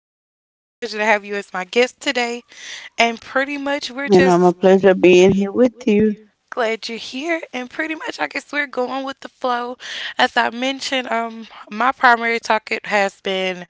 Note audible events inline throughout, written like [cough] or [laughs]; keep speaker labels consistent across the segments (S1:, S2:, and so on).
S1: Journey, and it's a pleasure to have you as my guest today. And pretty much, we're
S2: And I'm a
S1: just
S2: pleasure being here with you.
S1: glad you're here, and pretty much, I guess we're going with the flow. As I mentioned, my primary target has been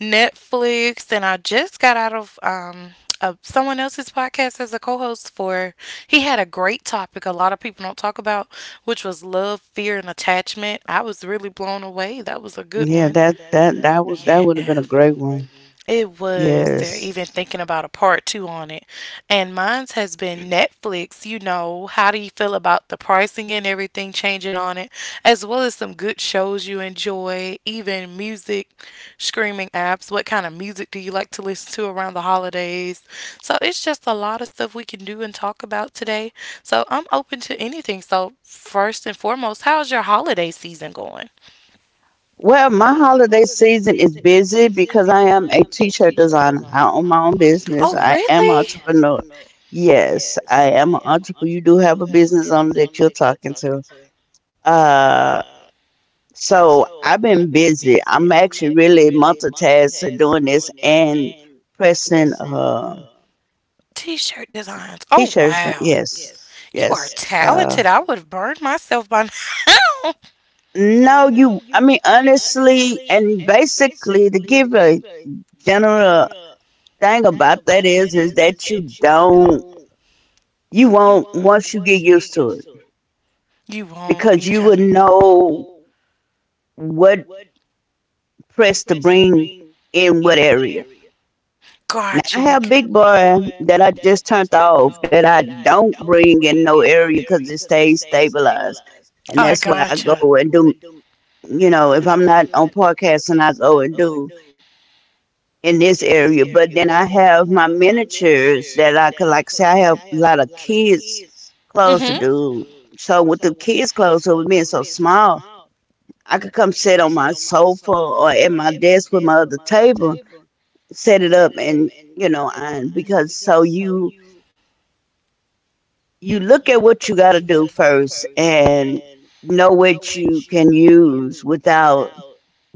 S1: Netflix, and I just got out of someone else's podcast as a co-host. For he had a great topic a lot of people don't talk about, which was love, fear, and attachment. I was really blown away. That was a good
S2: Yeah,
S1: one.
S2: that was that would have
S1: Yeah,
S2: been a great one.
S1: it was. Yeah. They're
S2: Yes.
S1: even thinking about a part two on it. And mine's has been Netflix. You know, how do you feel about the pricing and everything changing on it, as well as some good shows you enjoy, even music, streaming apps? What kind of music do you like to listen to around the holidays? So it's just a lot of stuff we can do and talk about today. So I'm open to anything. So, first and foremost, how's your holiday season going?
S2: Well, my holiday season is busy because I am a t-shirt designer. I own my own business.
S1: Oh,
S2: I am an
S1: really?
S2: entrepreneur. Yes, I am an entrepreneur. You do have a business owner that you're talking to. Uh, so I've been busy. I'm actually really multitasking doing this and pressing
S1: T-shirt designs. Oh,
S2: t-shirts. Yes,
S1: you are
S2: yes. Uh,
S1: talented. I would have burned myself by now.
S2: No, you. I mean, honestly, and basically, to give a general thing about that is, that you won't once you get used to it
S1: [laughs] You won't.
S2: because
S1: You
S2: you will know what press to bring in what area. Now,
S1: gotcha.
S2: I
S1: You
S2: have big boy that I just turned off that I don't bring in no area because it stays stabilized, and
S1: I
S2: that's why I go and do. You know, if I'm not on podcast and I go and do in this area. But then I have my miniatures that I could like say I have a lot of kids
S1: I'm
S2: clothes to
S1: mhm.
S2: do. So with the kids clothes, so with being so small, I could come sit on my sofa or at my desk with my other table, set it up and you know, and because so you look at what you gotta do first and know what you can use without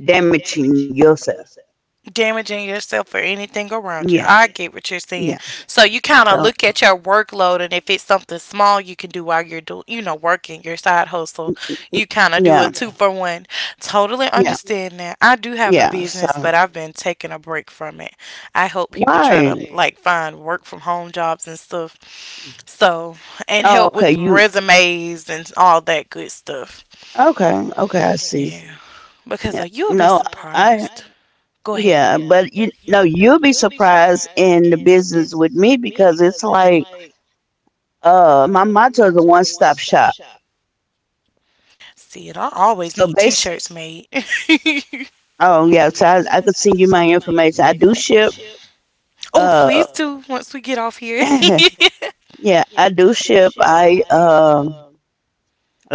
S2: damaging yourself.
S1: Damaging yourself or anything around you.
S2: Yeah,
S1: I get what you're saying.
S2: yeah.
S1: So you kind of
S2: So
S1: look at your workload, and if it's something small you can do while you're doing, working your side hustle, you kind of do a
S2: yeah,
S1: two for one. Totally
S2: yeah,
S1: understand that. I do have a
S2: yeah. So
S1: business, but I've been taking a break from it. I help people try to
S2: right.
S1: like find work from home jobs and stuff. So and
S2: Oh,
S1: help
S2: okay.
S1: with
S2: You
S1: resumes and all that good stuff.
S2: okay? Okay, I see.
S1: Yeah, because
S2: Yeah.
S1: you'll be,
S2: No,
S1: no,
S2: I
S1: surprised. Go ahead.
S2: yeah, but you no, you'll be surprised in the business with me because it's like my motto is a one stop shop.
S1: Sid, I always
S2: So
S1: need
S2: base,
S1: t-shirts made.
S2: oh yeah, so I could send you my information. I do ship.
S1: [laughs] Oh, please
S2: Uh
S1: do once we get off here. [laughs]
S2: [laughs]
S1: Probably
S2: yeah, I do ship. I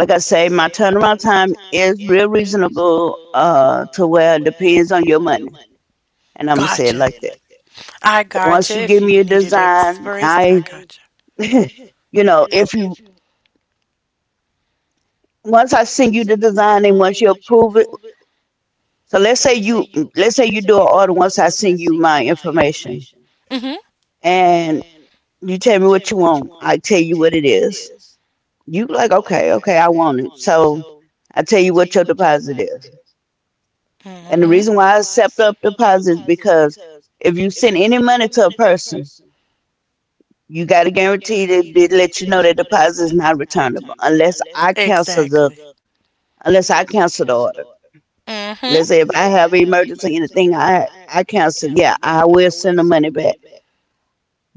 S2: like I say, my turnaround time is real reasonable to where it depends on your money. And I'm gonna say
S1: gotcha.
S2: it like that.
S1: That. I
S2: Once
S1: gotcha.
S2: you give
S1: If
S2: me
S1: you
S2: a
S1: needed
S2: design, I,
S1: express, I
S2: [laughs]
S1: gotcha.
S2: you know, if you once I send you the design and once you approve it. So let's say you do an order once I send you my information
S1: Mm-hmm.
S2: and you tell me what you want. I tell you what it is. You like okay, okay, I want it. So I tell you what your deposit is. And the reason why I
S1: Mm-hmm.
S2: accept up deposits is because if you send any money to a person, you got to guarantee that they let you know that deposit is not returnable
S1: Exactly.
S2: unless I cancel the order. Let's
S1: Mm-hmm.
S2: say if I have an emergency anything, I cancel. Yeah, I will send the money back.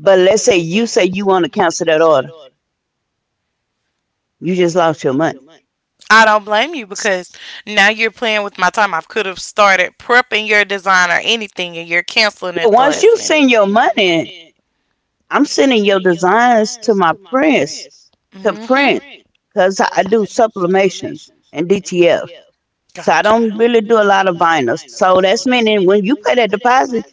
S2: But let's say you want to cancel that order, you just lost your money.
S1: I don't blame you because now you're playing with my time. I could have started prepping your design or anything and you're canceling
S2: Well,
S1: at the
S2: once
S1: last
S2: you
S1: minute.
S2: send your
S1: You
S2: money, I'm sending your designs to my prints
S1: for,
S2: to print
S1: mm-hmm.
S2: because I do sublimations and DTF.
S1: So I
S2: So I
S1: gotcha.
S2: don't really do a lot of vinyl. So that's meaning when you pay that deposit,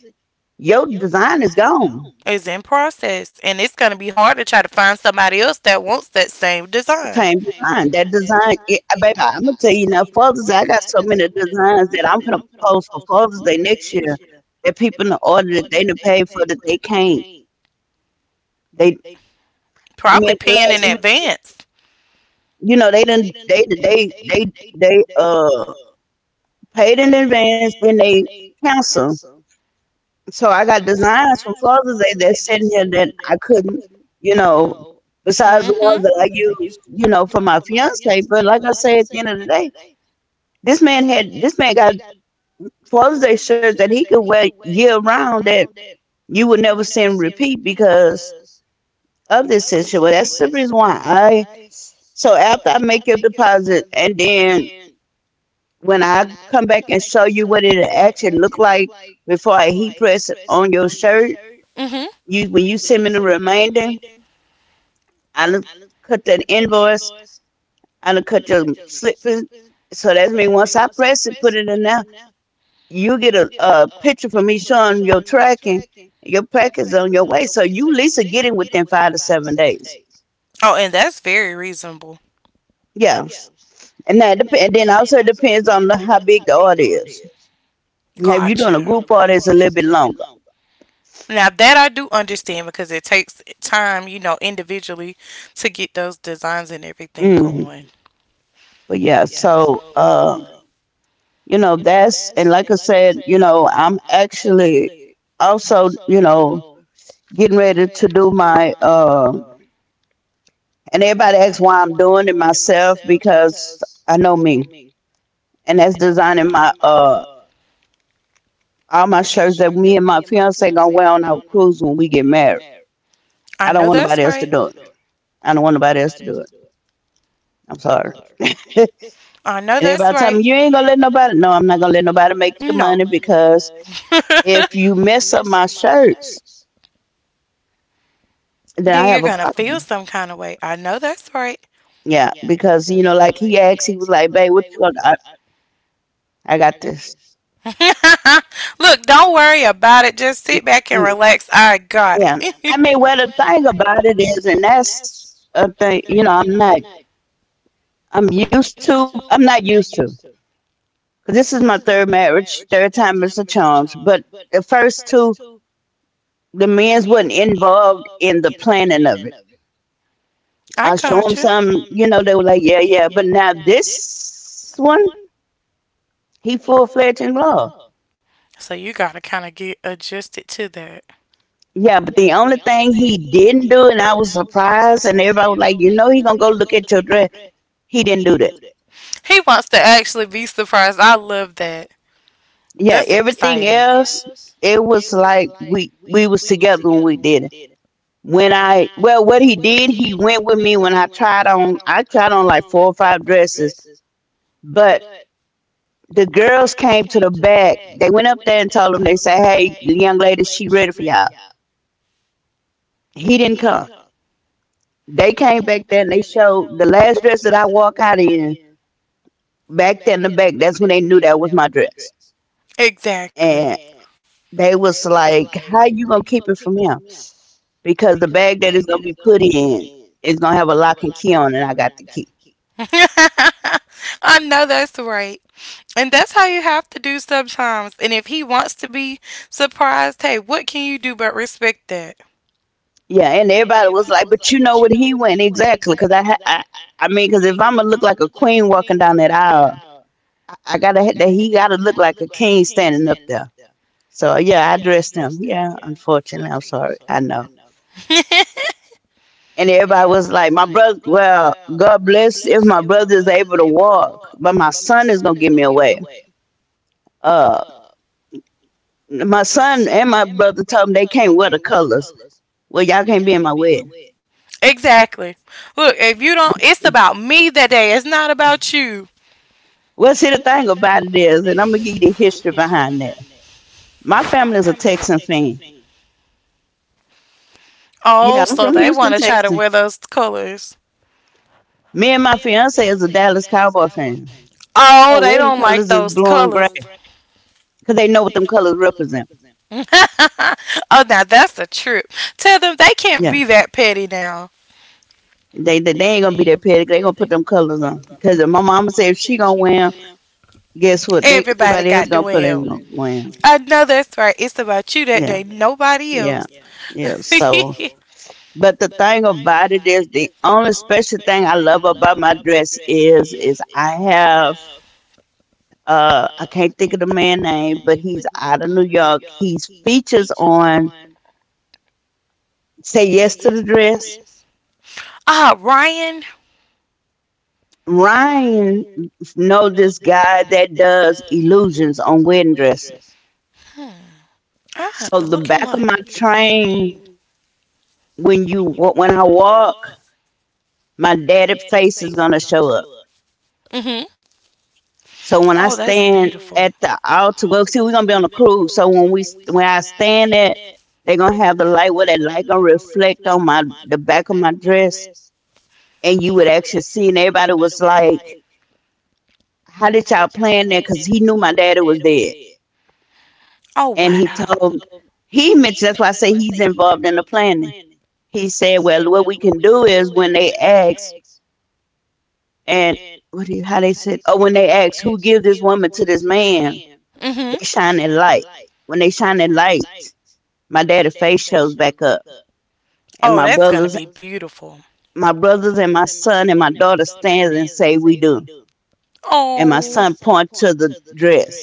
S2: your design is gone.
S1: It's in process, and it's gonna be hard to try to find somebody else that wants that same design.
S2: Came design. That design, it, baby, I'm gonna tell you now. Father's Day, I got so many designs that I'm gonna post for Father's Day next year. That people in order that they done paid for that they can't. They, I mean,
S1: Probably
S2: at the
S1: paying in
S2: last
S1: because
S2: minute,
S1: advance.
S2: you know, they done they they they paid in advance, then they cancel. So I got designs from Father's Day that's sitting here that I couldn't, you know, besides the
S1: Mm-hmm.
S2: ones that I use, you know, for my fiance. But like I say, at the end of the day, this man got clothes they shirts that he could wear year round that you would never see him repeat because of this situation. Well, that's the reason why I. So after I make your deposit, and then when I come back and show you what it actually looked like before I heat press it on your shirt,
S1: Mm-hmm.
S2: you when you send me the remainder, I done cut that invoice, I done cut your slip. So that's me. Once I press it, put it in there. You get a picture from me showing your tracking, your package is on your way. So you at least get it within 5 to 7 days.
S1: Oh, and that's very reasonable now.
S2: Yeah. And that dep- and then also it depends on the, how big the order is.
S1: If
S2: Now,
S1: you're
S2: if you're doing a
S1: gotcha.
S2: group order, it's a little bit longer.
S1: Now that I do understand because it takes time, individually to get those designs and everything
S2: hmm
S1: going.
S2: But yeah, so you know that's and like I said, you know I'm actually also you know getting ready to do my and everybody asks why I'm doing it myself because I know me. And that's designing my all my shirts that me and my fiance gonna wear on our cruise when we get married. I
S1: I
S2: don't
S1: know I
S2: want
S1: that's
S2: nobody else to
S1: right.
S2: do it. I don't want nobody else to do it. I'm sorry. [laughs]
S1: I know
S2: And
S1: that's
S2: everybody tell me
S1: right.
S2: you ain't gonna let nobody. No, I'm not gonna let nobody make the
S1: No.
S2: money because
S1: [laughs]
S2: if
S1: First.
S2: you mess up my shirts, then
S1: Then
S2: I
S1: you're
S2: have a
S1: gonna [laughs] whatever, feel
S2: problem.
S1: some kind of way. I know that's right.
S2: Yeah, because you know, like he asked, he was like, "Babe, what you gonna?" I got this.
S1: [laughs] Look, don't worry about it. Just sit back and
S2: Mm,
S1: relax. I got,
S2: yeah,
S1: yeah,
S2: I
S1: it. [laughs]
S2: mean, well, the thing about it is, and that's a thing. You know, I'm not. I'm used to. I'm not used to. 'Cause this is my third marriage, third time is a charm. But the first two, the men's wasn't involved in the planning of it.
S1: I
S2: I
S1: that's
S2: show them
S1: got
S2: some,
S1: you.
S2: you know, they were like, yeah, yeah. But now this one, he full fledged involved.
S1: So you gotta kind of get adjusted to that.
S2: Yeah, but the only thing he didn't do, and I was surprised, and everybody was like, you know, he gonna go look at your dress. He didn't do that.
S1: He wants to actually be surprised. I love that.
S2: Yeah,
S1: That's
S2: everything
S1: exciting.
S2: else, it was like we was together when we did it. When I well, what he did, he went with me when I tried on. I tried on like four or five dresses, but the girls came to the back. They went up there and told him. They said, "Hey, the young lady, she ready for y'all." He didn't come. They came back there and they showed the last dress that I walked out in. Back there in the back, that's when they knew that was my dress. And
S1: Exactly.
S2: they was like, "How you gonna keep it from him?" Because the bag that it's gonna be put in is gonna have a lock and key on, and I got the key.
S1: And [laughs] I know that's right. And that's how you have to do sometimes. And if he wants to be surprised, hey, what can you do but respect that?
S2: Yeah, and everybody was like, "But you know what? He went exactly because I mean, because if I'm gonna look like a queen walking down that aisle, I gotta ha- that he gotta look like a king standing up there. So yeah, I dressed him. Yeah, unfortunately, I'm sorry. I know.
S1: [laughs]
S2: And everybody was like, "My brother, well, God bless if my brother is able to walk, but my son is gonna give me away." Uh, my son and my brother told me they can't wear the colors. Well, y'all can't be in my wedding.
S1: Exactly. Look, if you don't, it's about me that day. It's not about you.
S2: Well, see, the thing about it is, and I'm gonna give you the history behind that. My family is a Texan fan. Yeah,
S1: Oh,
S2: I'm from
S1: so they
S2: Houston,
S1: want to, mm-hmm, try
S2: Texas.
S1: to wear those colors.
S2: Me and my fiance is a Dallas Cowboy fan.
S1: Oh,
S2: Our
S1: they
S2: wedding
S1: don't, yep, like
S2: colors is
S1: those
S2: blue and gray
S1: colors.
S2: because they know what them colors represent.
S1: [laughs] Oh, now that's a trip. Tell them they can't
S2: Yeah,
S1: be that petty now.
S2: they ain't gonna be that petty. They gonna put them colors on because my mama said if she gonna wear 'em, guess what? They everybody else
S1: The
S2: gonna put in
S1: well.
S2: gonna wear 'em.
S1: I win, know that's right. It's about you that
S2: Yeah,
S1: day. Nobody
S2: yeah,
S1: else.
S2: yeah. So,
S1: [laughs]
S2: but the thing about it is the only special thing I love about my dress is I have I can't think of the man name, but he's out of New York. He's features on Say Yes to the Dress.
S1: So, Ryan.
S2: Ryan know this guy that does illusions on wedding dresses.
S1: Hmm. I have to,
S2: So the back of my
S1: so,
S2: train when you when I walk, my daddy face is gonna show up.
S1: mhm.
S2: So when I
S1: So that's
S2: stand
S1: stand.
S2: at the altar, well, see, we're gonna be on a cruise. So when we when I stand at, they're gonna have the light where that light gonna reflect on my the back of my dress and you would actually see, and everybody was like, "How did y'all plan that?" Because he knew my daddy was dead,
S1: Oh, and
S2: and he told him
S1: wow.
S2: he mentioned. That's why I say he's involved in the planning. He said, "Well, what we can do is when they ask, and what do how they said, oh, when they ask who give this woman to this man,
S1: Mhm.
S2: they shine that light. When they shine that light, my daddy's face shows back up,
S1: Oh,
S2: and my brothers."
S1: beautiful.
S2: My brothers and my son and my daughter stands and say we do, and my
S1: And,
S2: son point to the dress.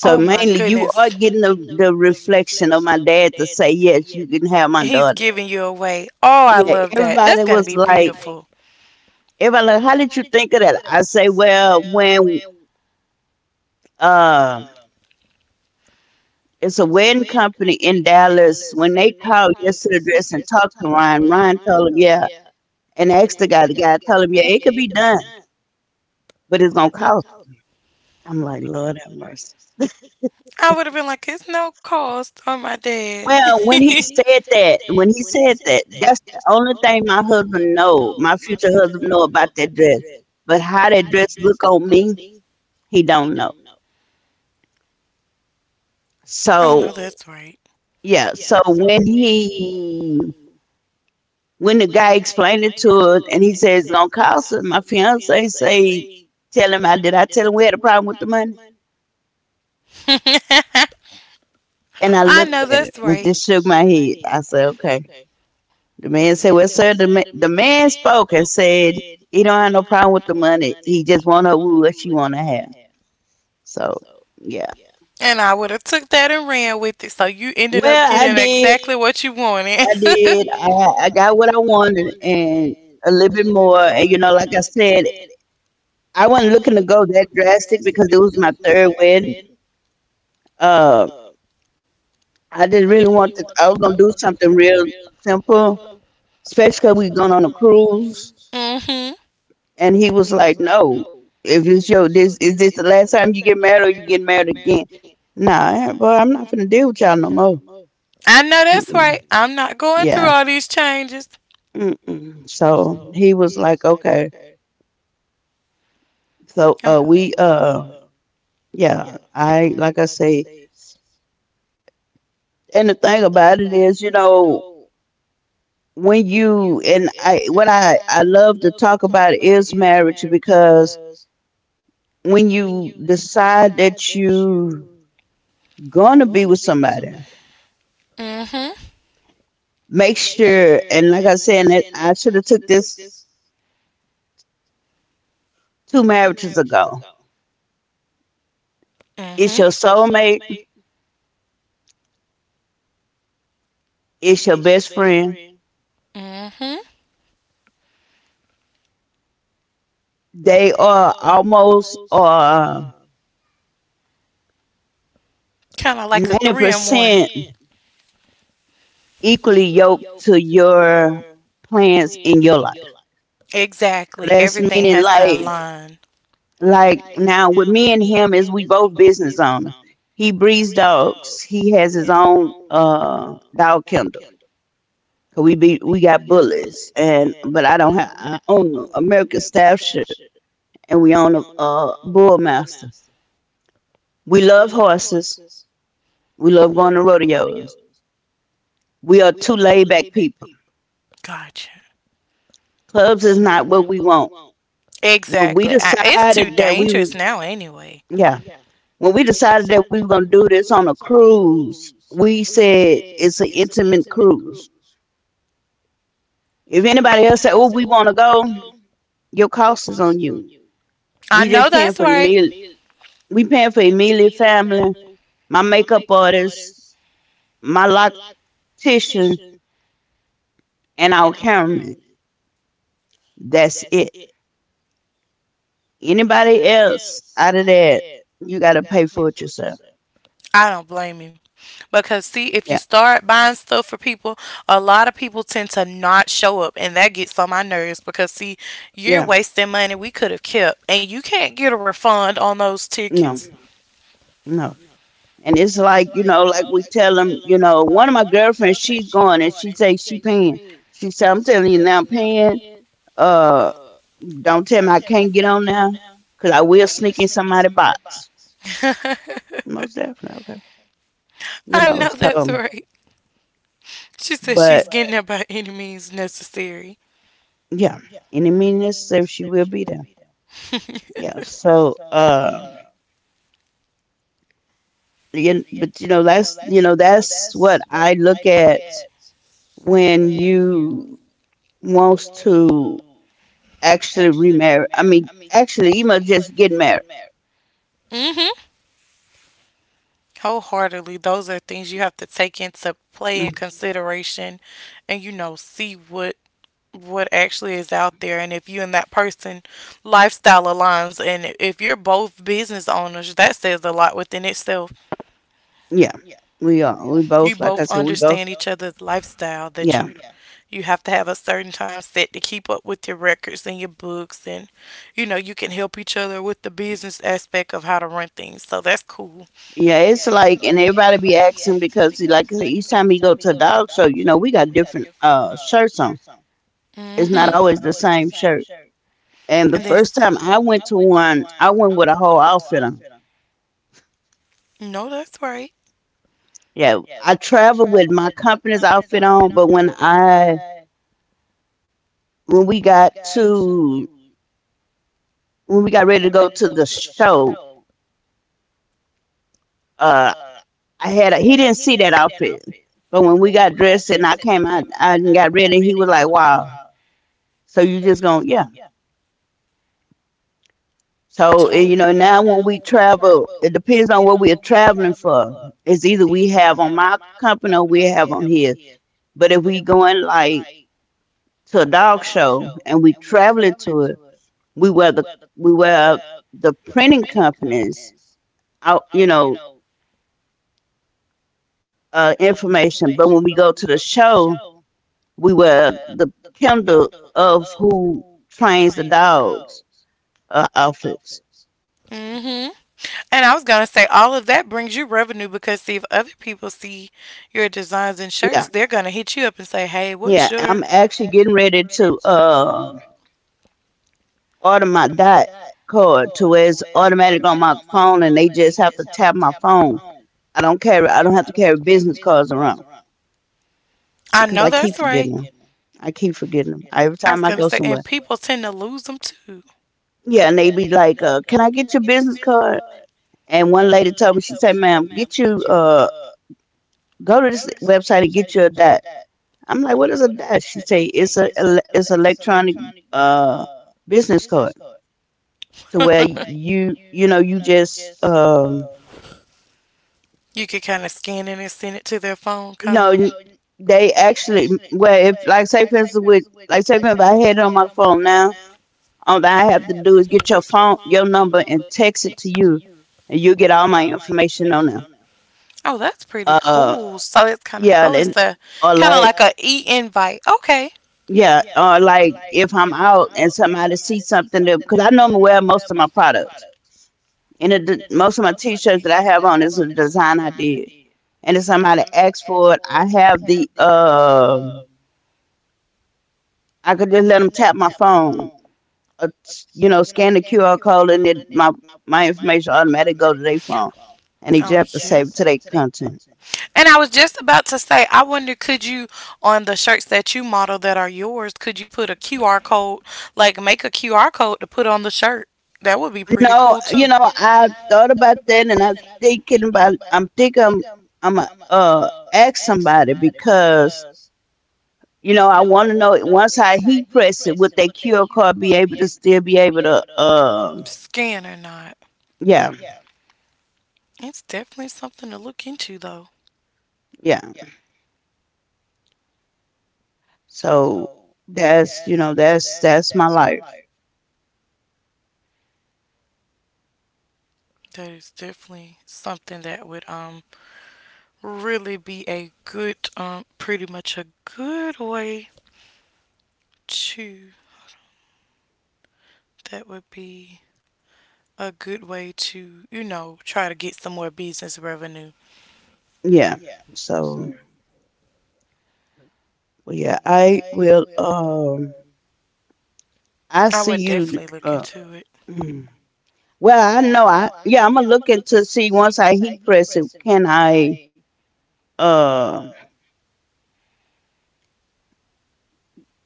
S1: oh
S2: So
S1: my
S2: mainly you
S1: goodness.
S2: are getting the reflection of my dad to say, yes, you can have my
S1: He's
S2: daughter.
S1: giving daughter. You away. Oh, I
S2: Yeah,
S1: love that. That's first,
S2: everybody
S1: going I to
S2: was
S1: be
S2: like,
S1: beautiful.
S2: how did you think of that? I say, well, when um it's a wedding company in Dallas, when they called yesterday dress and talked to Ryan, Ryan told him, yeah, and asked the guy told him, yeah, it could be done, but it's gonna cost. I'm like, Lord have mercy.
S1: I would have been like, it's no cost on my dad.
S2: Well,
S1: [laughs] [laughs]
S2: when he said that, that's the only thing my husband know, my future husband know about that dress. But how that dress look on me, he don't know.
S1: I know
S2: So
S1: that's right.
S2: yeah, so when the guy explained it to us and he says it's gonna cost him, my fiance say, tell him I tell him we had a problem with the money?
S1: [laughs] I
S2: And I looked
S1: know
S2: at it
S1: that's it,
S2: and
S1: right.
S2: just shook my head. I said, okay. The man said, "Well, sir, the man spoke and said he don't have no problem with the money. He just want her woo what she want to have." So, yeah.
S1: And I would have took that and ran with it. So you ended up
S2: Well, I
S1: getting
S2: did.
S1: exactly did what you wanted.
S2: I did. I got what I wanted and a little bit more. And you know, like I said, I wasn't looking to go that drastic because it was my third wedding. Uh, I didn't really want to. I was gonna do something real simple, especially 'cause we going
S1: [laughs]
S2: on a cruise.
S1: hmm
S2: And he was like, no, if it's your this is this the last time you get married or you get married again? Nah, but I'm not finna deal with y'all no more.
S1: I know that's right.
S2: Mm-mm.
S1: I'm not going through
S2: Yeah.
S1: all these changes.
S2: Mm-mm. So he was like, okay. So we yeah, I like I say, and the thing about it is, you know, when you and I what I love to talk about is marriage because when you decide that you gonna be with somebody,
S1: Mm-hmm.
S2: make sure, and like I said, I should have took this two marriages ago. It's your
S1: Mm-hmm.
S2: soulmate. It's your best friend.
S1: Mm-hmm.
S2: They are almost
S1: Kind of like a you
S2: ninety
S1: three in one.
S2: percent equally yoked to your plans in your life.
S1: Exactly.
S2: So
S1: Yes,
S2: that's
S1: everything has
S2: meaning
S1: to align.
S2: like now with me and him is we both business owners. He breeds dogs. He has his own dog kennel. 'Cause we got bullets and but I don't have I own no American Staff Ship and we own a Bullmaster. We love horses. We love going to rodeos. We are two laid back people.
S1: Gotcha.
S2: Clubs is not what we want. When we
S1: Exactly. I got, it's too
S2: decided that we
S1: dangerous we
S2: was
S1: now anyway.
S2: yeah, when we decided that we were gonna do this on a cruise, we said it's an intimate cruise. If anybody else said, "Oh, we want to go," your cost is on you. We
S1: I
S2: just
S1: know
S2: paying for
S1: that's
S2: your
S1: right.
S2: meal. We paying for immediate family, my makeup artist, my loctician, and our cameraman. That's it. Anybody else out of that, you got to pay for it yourself.
S1: I don't blame you. Because see, if you
S2: Yeah,
S1: start buying stuff for people, a lot of people tend to not show up, and that gets on my nerves. Because see, you're
S2: yeah,
S1: wasting money we could have kept, and you can't get a refund on those
S2: no,
S1: tickets.
S2: no. And it's like you know, like we tell them, you know, one of my girlfriends, she's going and she say she paying. She said, I'm telling you now, paying. Uh, don't tell me I can't get on now, cause I will sneak in somebody's box.
S1: No. [laughs]
S2: Most definitely, okay, you
S1: I
S2: know.
S1: know that's
S2: So,
S1: right. She says she's
S2: but
S1: getting there by any means necessary.
S2: yeah, any means necessary, she will be there.
S1: [laughs]
S2: Yeah. So, you, but you know, that's what I look at when you wants to actually remarry. I mean, actually, you must just get married.
S1: hmm Wholeheartedly, those are things you have to take into play
S2: Mm,
S1: and consideration, and see what actually is out there, and if you and that person lifestyle aligns, and if you're both business owners, that says a lot within itself.
S2: yeah, we are.
S1: You
S2: Like
S1: both
S2: I said, we both.
S1: understand each other's lifestyle that
S2: Yeah,
S1: you have to have a certain time set to keep up with your records and your books, and you can help each other with the business aspect of how to run things, so that's cool.
S2: yeah. It's like, and everybody be asking because, like I said, each time we go to a dog show, you know, we got different shirts on. It's not
S1: hmm
S2: always the same shirt. And the
S1: and then
S2: first time
S1: was
S2: I went to one, I went with a whole outfit on.
S1: on. No, that's right.
S2: Yeah, I traveled with my company's outfit on, but when we got to when we got ready to go to the show, uh, I he didn't see that outfit, but when we got dressed and I came out I done got ready, he was like, "Wow, so you just gonna yeah." So you know
S1: Totally.
S2: now when we
S1: Totally.
S2: travel, it depends on what we are traveling for. It's either we have on my company or we have on his. But if we going like to a dog show and we traveling to it, we were the we were the printing companies out you know information, but when we go to the show, we were the kindle of who trains the dogs, outfits.
S1: Mm-hmm. And I was gonna say all of that brings you revenue because see, if other people see your designs and
S2: Yeah,
S1: shirts, they're gonna hit you up and say, hey,
S2: yeah,
S1: what's,
S2: I'm
S1: yeah,
S2: actually
S1: your.
S2: getting ready to order my dot card to where it's automatic on my phone and they just have to tap my phone. I don't carry, I don't have to carry business cards around
S1: I know,
S2: because
S1: yeah, that's right.
S2: I keep forgetting them every
S1: I was
S2: time I
S1: gonna
S2: go
S1: say, and
S2: somewhere.
S1: people tend to lose them too.
S2: Yeah, and they be like, "Can I get your business card?" And one lady told me, she said, "Ma'am, get you go to this website and get you a DAT." I'm like, "What is a DAT?" She say, "It's a it's electronic uh business card to where you know you just
S1: You could kind of scan it and send it to their phone
S2: you
S1: kind
S2: know
S1: of.
S2: n- they actually, well, if like say for instance with like say for instance, if I had it on my phone now, all that I have to do is get your number and text it to you, and you get all my information on there."
S1: Oh, that's pretty
S2: Uh,
S1: cool. So it's kind of,
S2: yeah,
S1: oh, it's
S2: then
S1: a
S2: or
S1: kind of
S2: like
S1: like a e invite. Okay.
S2: yeah, or like if I'm out and somebody sees something that, because I normally wear most of my products and most of my T-shirts that I have on is a design I did, and if somebody asks for it, I could just let them tap my phone, or, you know, scan the QR code and it my my information automatically go to their phone, and they
S1: Oh
S2: just have to
S1: yeah.
S2: save it to their content.
S1: And I was just about to say, I wonder could you, on the shirts that you model that are yours, could you put a QR code, like make a QR code to put on the shirt? That would be pretty
S2: No,
S1: cool
S2: you
S1: too.
S2: know, I thought about that and I was thinking about I'm thinking I'm a ask somebody because you know, I wanna know once I heat press it, would that QR card be able to still be able to
S1: Scan or not.
S2: yeah,
S1: It's definitely something to look into though.
S2: yeah. So that's you know, that's my life.
S1: That is definitely something that would really be a good, pretty much a good way to, that would be a good way to, try to get some more business revenue.
S2: Yeah. So well, yeah, I will I
S1: I
S2: see
S1: would
S2: you
S1: definitely look into it.
S2: mm. Well I know I yeah, I'm gonna look into see once I heat press it, can I uh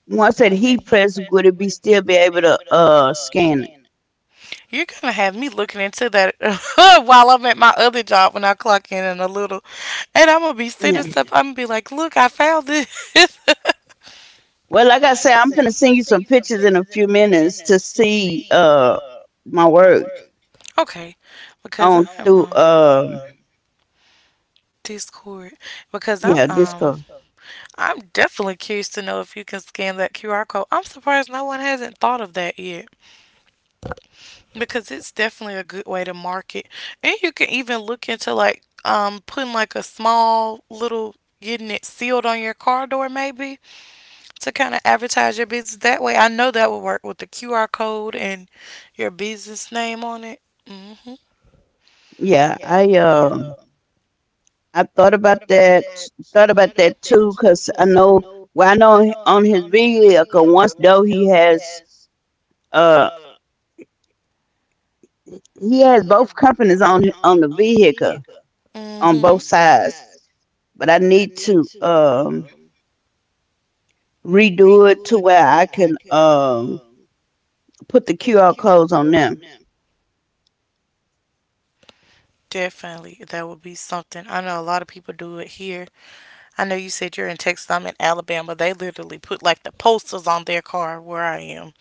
S2: once that heat press would it be still be able to scan it,
S1: You're gonna have me looking into that [laughs] while I'm at my other job when I clock in a little, and I'm gonna be sitting
S2: yeah.
S1: stuff. I'm gonna be like, "Look, I found this."
S2: Well, like I said, I'm gonna send you some pictures in a few minutes to see my work
S1: [laughs] Okay, because I
S2: on
S1: am,
S2: through
S1: Discord, because
S2: yeah,
S1: um
S2: Discord.
S1: I'm definitely curious to know if you can scan that QR code. I'm surprised no one hasn't thought of that yet because it's definitely a good way to market. And you can even look into like putting like a small little, getting it sealed on your car door maybe, to kind of advertise your business that way. I know that would work with the QR code and your business name on it. Mhm.
S2: Yeah, I thought about that too because I know, well, I know on his vehicle once though uh he has both companies on the vehicle on
S1: Mhm.
S2: both sides, but I need to redo it to where I can put the QR codes on them.
S1: Definitely. That would be something. I know a lot of people do it here. I know you said you're in Texas. I'm in Alabama. They literally put like the posters on their car where I am.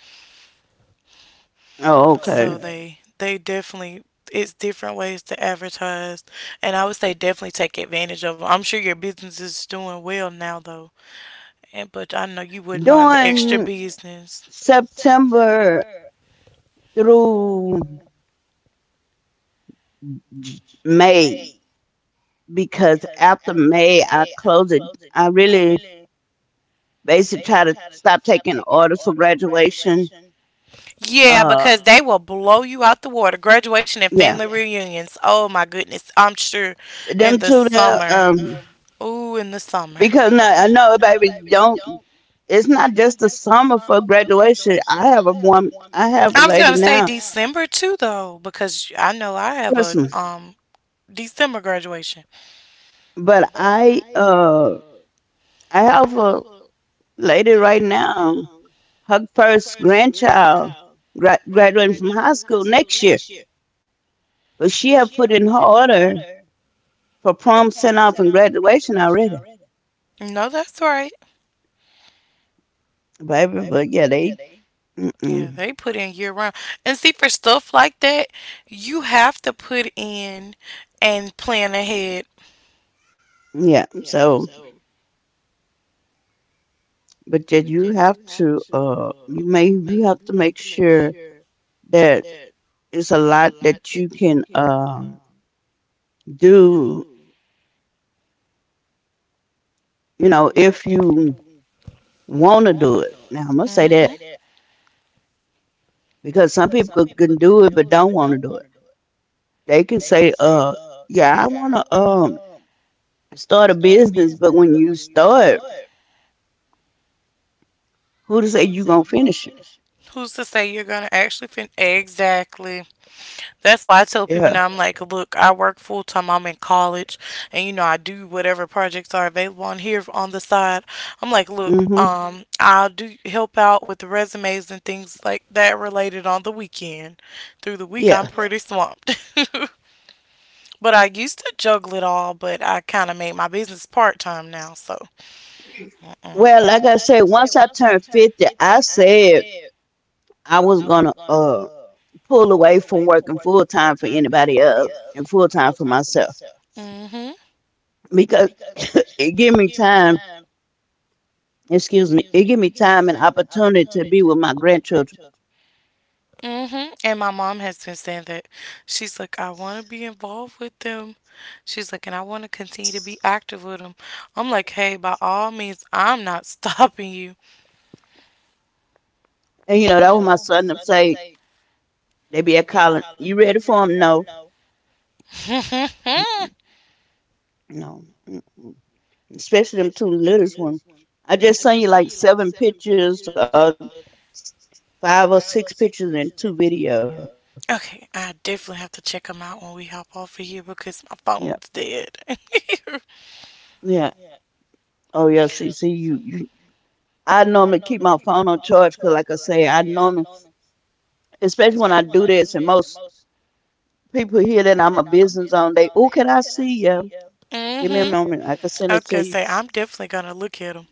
S2: Oh,
S1: Oh, so
S2: okay.
S1: okay, they definitely, it's different ways to advertise, and I would say definitely take advantage of them. 'Em. I'm sure your business is doing well now though, and but I know you wouldn't mind the extra
S2: During
S1: business.
S2: September through May, because after May I close it. I really basically try to stop taking orders for graduation.
S1: Yeah,
S2: Uh,
S1: because, they will blow you out the water. Graduation and
S2: yeah,
S1: family, yeah, reunions. Oh my goodness, I'm sure in
S2: them
S1: the
S2: two there.
S1: summer. About ooh, in the summer.
S2: Because now I know, baby, don't. It's not just the summer for graduation. I have a one. I have a
S1: I was gonna
S2: lady
S1: say
S2: now.
S1: December too, though, because I know I have a
S2: Listen.
S1: December graduation.
S2: But I have a lady right now, her first grandchild graduating from high school next year. But she have put in her order for prom send off and graduation already,
S1: No, that's right.
S2: baby. But yeah, they
S1: Yeah,
S2: mm-mm.
S1: they put in year round. And see, for stuff like that, you have to put in and plan ahead.
S2: Yeah. So, but yet you have to you may you have to make sure that it's a lot that you can do. You know, if you want to do it. Now I'm
S1: Who
S2: gonna say
S1: hmm
S2: that because some people can do it but don't want to do it. They can say, yeah, I want to start a business," but when you start, who to say you gonna finish it?
S1: Who's to say you're gonna actually fin? Exactly. That's why I tell people
S2: Yeah.
S1: now, I'm like, look, I work full time. I'm in college, and you know, I do whatever projects are available on here on the side. I'm like, look,
S2: Mhm.
S1: I'll do help out with the resumes and things like that related on the weekend. Through the week, I'm
S2: Yeah.
S1: pretty swamped. [laughs] But I used to juggle it all, but I kind of made my business part time now. So, mm
S2: Well, like I said, once I turned 50, I said I was gonna pull away from working full time for anybody else and full time for myself
S1: hmm,
S2: because it give me time. Excuse me. It give me time and opportunity to be with my grandchildren.
S1: mm hmm. And my mom has been saying that she's like, I want to be involved with them. She's like, and I want to continue to be active with him. I'm like, hey, by all means, I'm not stopping you.
S2: And you know that was my son. Them say they be at calling. You ready for 'em? No,
S1: [laughs] Okay,
S2: no. Mm-mm. Especially them two littlest ones. I just sent you like 7 pictures, 5 or 6 pictures and 2 videos.
S1: I definitely have to check him out when we hop off of here because
S2: Yeah,
S1: my phone's dead. [laughs]
S2: yeah. Oh yeah. See, see you. I normally keep my phone on charge because, like I say, I normally, especially when I do this, and most people hear that I'm a business on, they, oh, can I see you?
S1: Mm
S2: Give me a
S1: hmm.
S2: moment. I can
S1: I
S2: send
S1: was
S2: it
S1: gonna
S2: to you.
S1: say I'm definitely gonna look at them,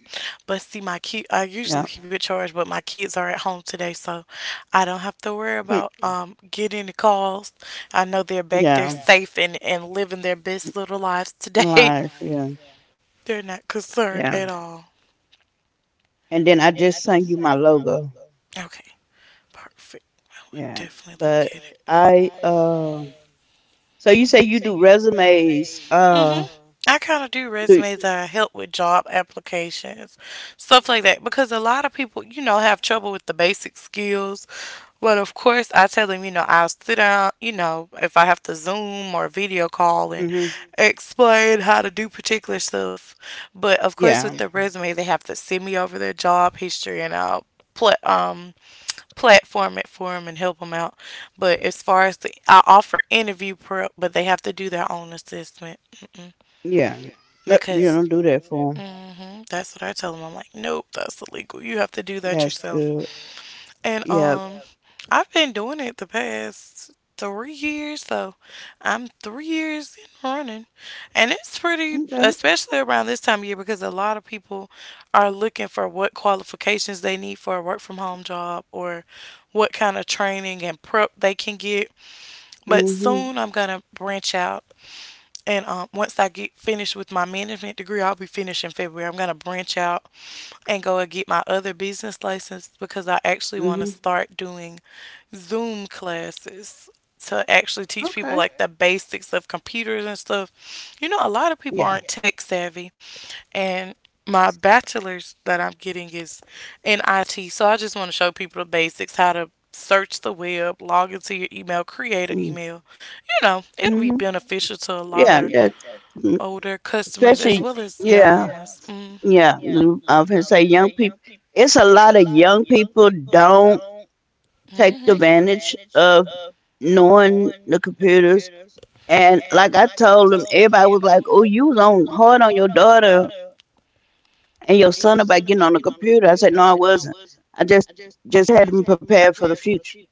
S1: but see, my kid. I
S2: Yeah,
S1: usually keep it charged, but my kids are at home today, so I don't have to worry about
S2: hmm.
S1: getting the calls. I know they're back there
S2: Yeah.
S1: safe and living their best little lives today.
S2: Live. Yeah,
S1: [laughs] They're not concerned
S2: yeah.
S1: at all.
S2: And then I just sent you my logo.
S1: Okay, perfect. I would
S2: Yeah,
S1: definitely look
S2: but
S1: at it.
S2: I so you say you do resumes?
S1: Mhm. I kind of do
S2: Do
S1: resumes. I help with job applications, stuff like that, because a lot of people, you know, have trouble with the basic skills. But of course, I tell them, you know, I'll sit down, you know, if I have to Zoom or video call and
S2: hmm
S1: explain how to do particular stuff. But of course, with yeah.
S2: Yeah,
S1: The resume, they have to send me over their job history and I'll pl- um platform it for them and help them out. But as far as the, I offer interview prep, but they have to do their own assessment
S2: yeah. Yep,
S1: because
S2: you don't do that for 'em.
S1: that's what I tell them. I'm like, nope, that's illegal. You have to do that
S2: That's
S1: yourself.
S2: good.
S1: And
S2: Yeah.
S1: I've been doing it the past 3 years, so I'm 3 years in running, and it's pretty,
S2: Okay.
S1: especially around this time of year, because a lot of people are looking for what qualifications they need for a work from home job or what kind of training and prep they can get. But
S2: Mhm.
S1: soon I'm gonna branch out, and once I get finished with my management degree, I'll be finished in February. I'm gonna branch out and go and get my other business license because I actually want to
S2: Mhm.
S1: start doing Zoom classes to actually teach people
S2: Okay.
S1: like the basics of computers and stuff. You know, a lot of people
S2: Yeah.
S1: aren't tech savvy, and my bachelor's that I'm getting is in IT. So I just want to show people the basics, how to search the web, log into your email, create an
S2: Mm.
S1: email. You know, it'll be
S2: Mhm.
S1: beneficial to a lot
S2: Yeah.
S1: of
S2: That mm,
S1: older customers as
S2: especially.
S1: well as younger
S2: Yeah.
S1: ones. Mm.
S2: Yeah. I was gonna say young people. It's a lot of young people don't take the
S1: hmm
S2: advantage of knowing the computers. And like I told them, everybody was like, "Oh, you was on hard on your daughter and your son about getting on the computer." I said, "No, I wasn't. I just had them prepared for the future.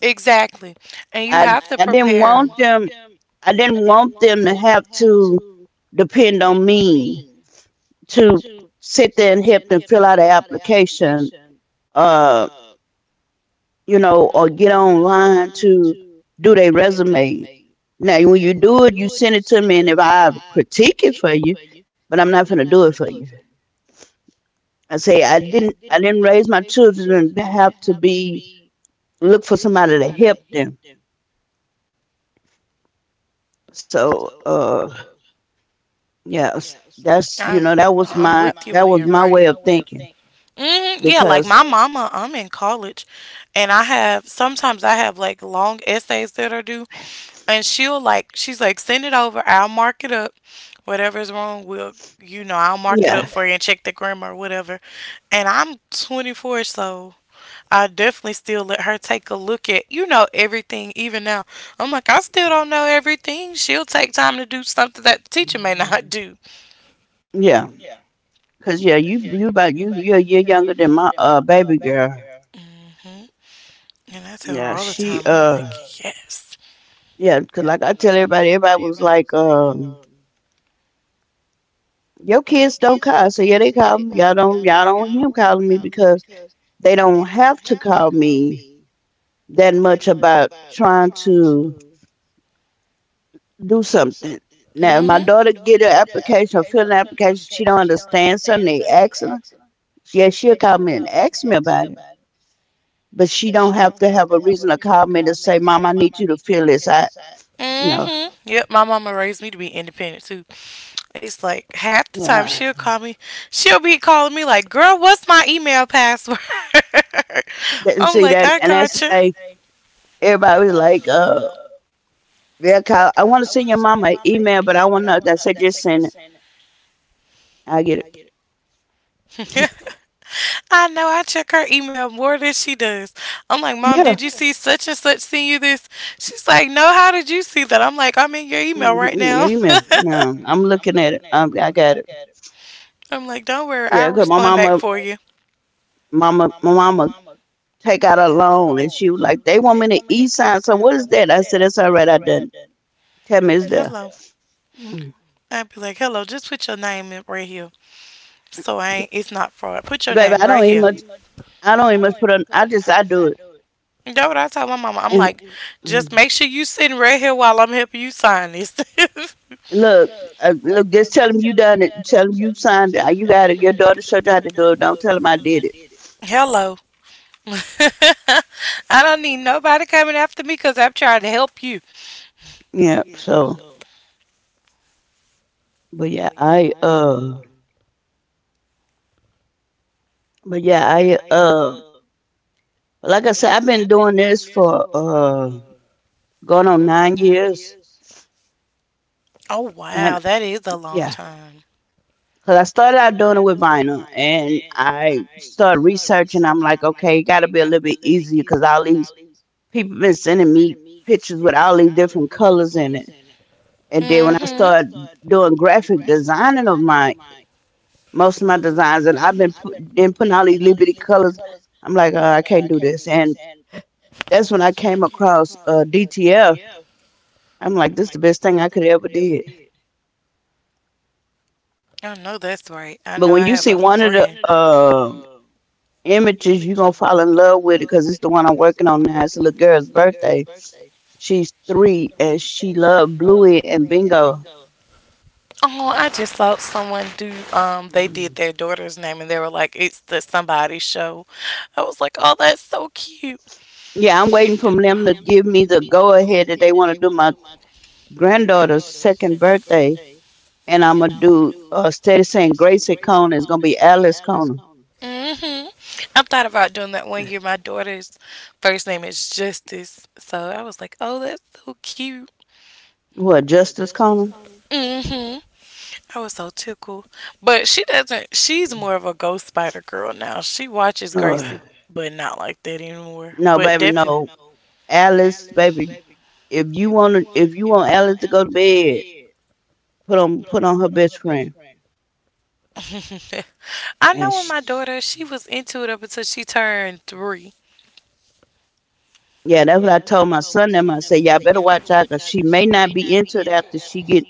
S1: Exactly. And you
S2: I
S1: have to I
S2: I didn't
S1: prepare 'em.
S2: want them. I didn't want them to have to depend on me to sit there and help them fill out an application, uh, you know, or get online to do their resume. Now, when you do it, you send it to me, and if I critique it for you, but I'm not gonna do it for you." I say I didn't raise my children to have to be look for somebody to help them. So uh yeah,
S1: I, I'm with you when
S2: that was
S1: you're
S2: my
S1: right.
S2: way of thinking
S1: Yeah, like
S2: because.
S1: Mama, I'm in college and I have sometimes I have like long essays that are due, and she's like, send it over, I'll mark it up. Whatever's wrong, we'll, you know, I'll mark it up
S2: Yeah.
S1: for you and check the grammar or whatever. And I'm 24, so I definitely still let her take a look at, you know, everything even now. I'm like, I still don't know everything. She'll take time to do something that the teacher may [laughs] not do.
S2: Yeah. Cause yeah, you're younger than my baby girl.
S1: hmm And I tell her
S2: Yeah,
S1: all the
S2: she
S1: time. I'm like,
S2: uh
S1: yes.
S2: yeah, cause like I tell everybody, everybody was like, your kids don't call. I say, yeah, they call me. Y'all don't hear 'em calling me because they don't have to call me that much about trying to do something. Now,
S1: now
S2: if my
S1: Mm-hmm.
S2: daughter get an application, or fill an application, she don't understand something, they ask her, yeah, she'll call me and ask me about it. But she don't have to have a reason to call me to say, Mom, I need you to fill this out.
S1: her.
S2: No,
S1: Hmm Yep, my mama raised me to be independent too. It's like half the time
S2: yeah.
S1: she'll call me, she'll be calling me like, "Girl, what's my email password?" [laughs]
S2: And
S1: I'm
S2: see
S1: like,
S2: that,
S1: "I
S2: and that's the thing. Everybody was like, yeah, Kyle, I want to send your mama an email, but I said, just send it. I get it.
S1: gotcha." [laughs] I know I check her email more than she does. I'm like, Mom, did
S2: Yeah.
S1: you see such and such send you this? She's like, No, how did you see that? I'm like, I'm in your email right
S2: Mm-hmm,
S1: now.
S2: email. No, I'm looking
S1: [laughs]
S2: at it. I got it.
S1: it. I'm like, Don't worry, I'll
S2: Yeah, cause
S1: Respond back for you.
S2: my mama take out a loan and she was like they want me to e-sign, so what is that? I said that's all right, I done tell me it's there.
S1: Hello.
S2: Mm.
S1: I'd be like, Hello, just put your name in right here. So I ain't, it's not fraud. Put your
S2: Baby,
S1: name right here. Know.
S2: I don't even much put on, I do it
S1: What I told my mama? I'm
S2: and.
S1: like, just
S2: Mm.
S1: make sure you sitting right here while I'm helping you sign this. [laughs]
S2: Look. Look, just tell him you done it, tell him you signed it. You got it, your daughter showed you how to do it, don't tell him I did it.
S1: Hello. [laughs] I don't need nobody coming after me because I'm trying to help you.
S2: yeah so but yeah, I like I said, I've been doing this for going on 9 years.
S1: Oh,
S2: And
S1: wow. That is a long
S2: yeah,
S1: time.
S2: cause I started out doing it with vinyl, and I started researching. I'm like, okay, it got to be a little bit easier, cause all these people been sending me pictures with all these different colors in it. And then
S1: It
S2: when I
S1: Mm-hmm.
S2: started doing graphic designing of my most of my designs, and been putting all these little bitty colors, I'm like, I can't do this. And that's when I came across DTF. I'm like, this is the best thing I could ever did.
S1: I know that's right. I
S2: But
S1: know I
S2: when
S1: have
S2: you
S1: a
S2: see
S1: Um,
S2: one of
S1: friend.
S2: the images, you're gonna fall in love with it because it's the one I'm working on now. It's a little girl's birthday. She's three and she loved Bluey and Bingo.
S1: Oh, I just saw someone do, they
S2: Mm.
S1: did their daughter's name and they were like, it's the somebody show. I was like, oh, that's so cute.
S2: Yeah, I'm waiting for them to give me the go ahead that they want to do my granddaughter's second birthday. And I'm gonna do, instead of saying Gracie Cona, it's gonna be Alice Cona.
S1: hmm I thought about doing that one year. My daughter's first name is Justice. So I was like, oh, that's so cute.
S2: What, Justice Cona?
S1: hmm I was so tickled. But she doesn't, she's more of a Ghost Spider girl now. She watches
S2: Ugh.
S1: Gracie, but not like that anymore.
S2: No,
S1: But
S2: baby,
S1: definitely.
S2: no. Alice, baby, if you want Alice to go to bed, put on her best friend.
S1: [laughs] I
S2: And
S1: know when my daughter, she was into it up until she turned three.
S2: yeah, that's what I told my son. Them I said, y'all better watch out 'cause she may not be into it after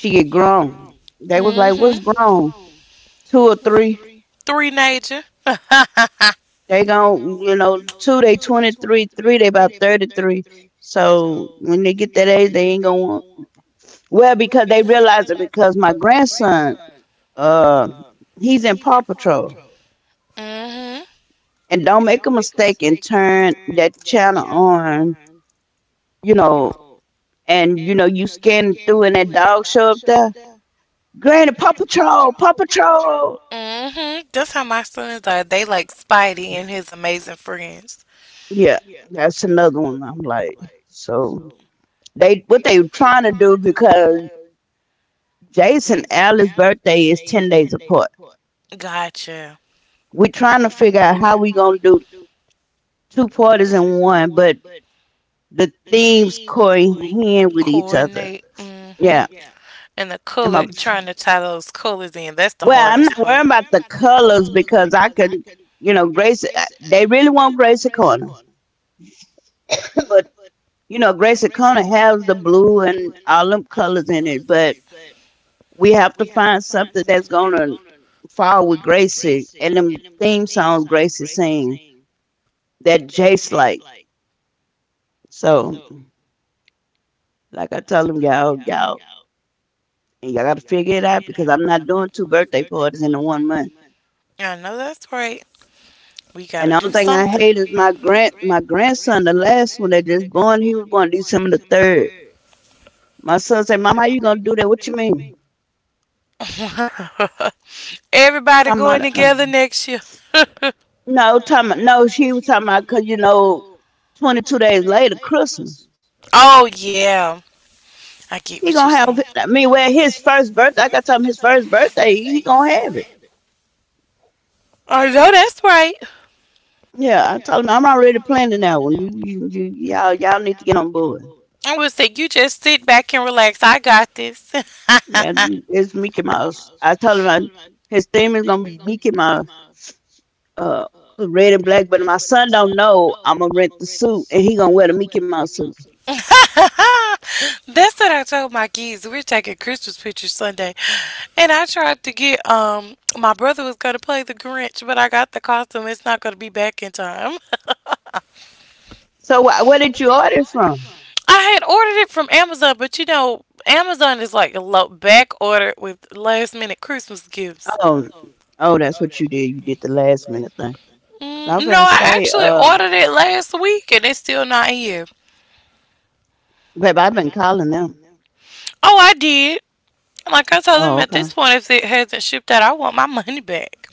S2: she get grown. They was like, what's grown?
S1: Mm-hmm.
S2: Two or three?
S1: Three nature. [laughs] mm-hmm.
S2: They gon', you know, two they 23, three they about 33. So when they get that age, they ain't gonna want. Well, because they realize it because my grandson, uh, he's in Paw Patrol, and don't make a mistake and turn that channel on, you know, and you know you scanning through and that dog show up there. Granny, Paw Patrol, Paw Patrol.
S1: Mm-hmm. That's how my sons are. They like Spidey and his Amazing Friends.
S2: Yeah, that's another one. I'm like, so they what they were trying to do because Jason Allen's birthday is 10 days apart.
S1: Gotcha.
S2: We're trying to figure out how we gonna do two parties in one, but the themes cohere with each other.
S1: Coordinate. Mm-hmm.
S2: Yeah,
S1: And the
S2: and
S1: color,
S2: my
S1: trying to tie those colors in, that's the
S2: well, I'm
S1: hardest
S2: not
S1: part.
S2: worrying about the colors because I can, you know, Grace. They really want Gracie Corner, but you know, Gracie Corner has the blue and all them colors in it, but we have to find something that's gonna fall with Gracie and them theme song Gracie sing that Jace like. So, like I told him, y'all got to figure it out because I'm not doing two birthday parties in the one month.
S1: I know that's right. We gotta
S2: And the
S1: do
S2: only thing I
S1: something.
S2: hate is my grandson, the last one that just born, he was born December the third. My son said, "Mama, how you gonna do that? What you mean?"
S1: Third. [laughs] Everybody
S2: Talking about,
S1: going together next year. [laughs]
S2: no, talking about, no. She was talking about because you know, 22 days later, Christmas.
S1: Oh yeah, I get
S2: He
S1: what you're
S2: gonna have.
S1: saying.
S2: I mean, well, his first birthday. Like I told him, his first
S1: Like,
S2: birthday, he gonna have it.
S1: I know that's right.
S2: Yeah, I told him I'm already planning that one. Y'all need to get on board.
S1: I would say you just sit back and relax. I got this.
S2: Yeah,
S1: [laughs]
S2: it's Mickey Mouse. I told him I, his theme is gonna be Mickey Mouse, uh, red and black. But my son don't know I'm gonna rent the suit, and he gonna wear the Mickey Mouse suit.
S1: [laughs] That's what I told my kids. We're taking Christmas pictures Sunday. And I tried to get my brother was gonna play the Grinch, but I got the costume. It's not gonna be back in time.
S2: So where did you order it from?
S1: [laughs] I had ordered it from Amazon, but you know, Amazon is like a low back order with last minute Christmas gifts.
S2: Oh, oh, that's what you did. You did the last minute thing. I'm
S1: Mm,
S2: gonna
S1: no, I
S2: say,
S1: actually ordered it last week and it's still not here.
S2: babe, I've been calling them.
S1: Oh, I did. Like I told
S2: Oh,
S1: them, at
S2: okay.
S1: this point, if it hasn't shipped out, I want my money back.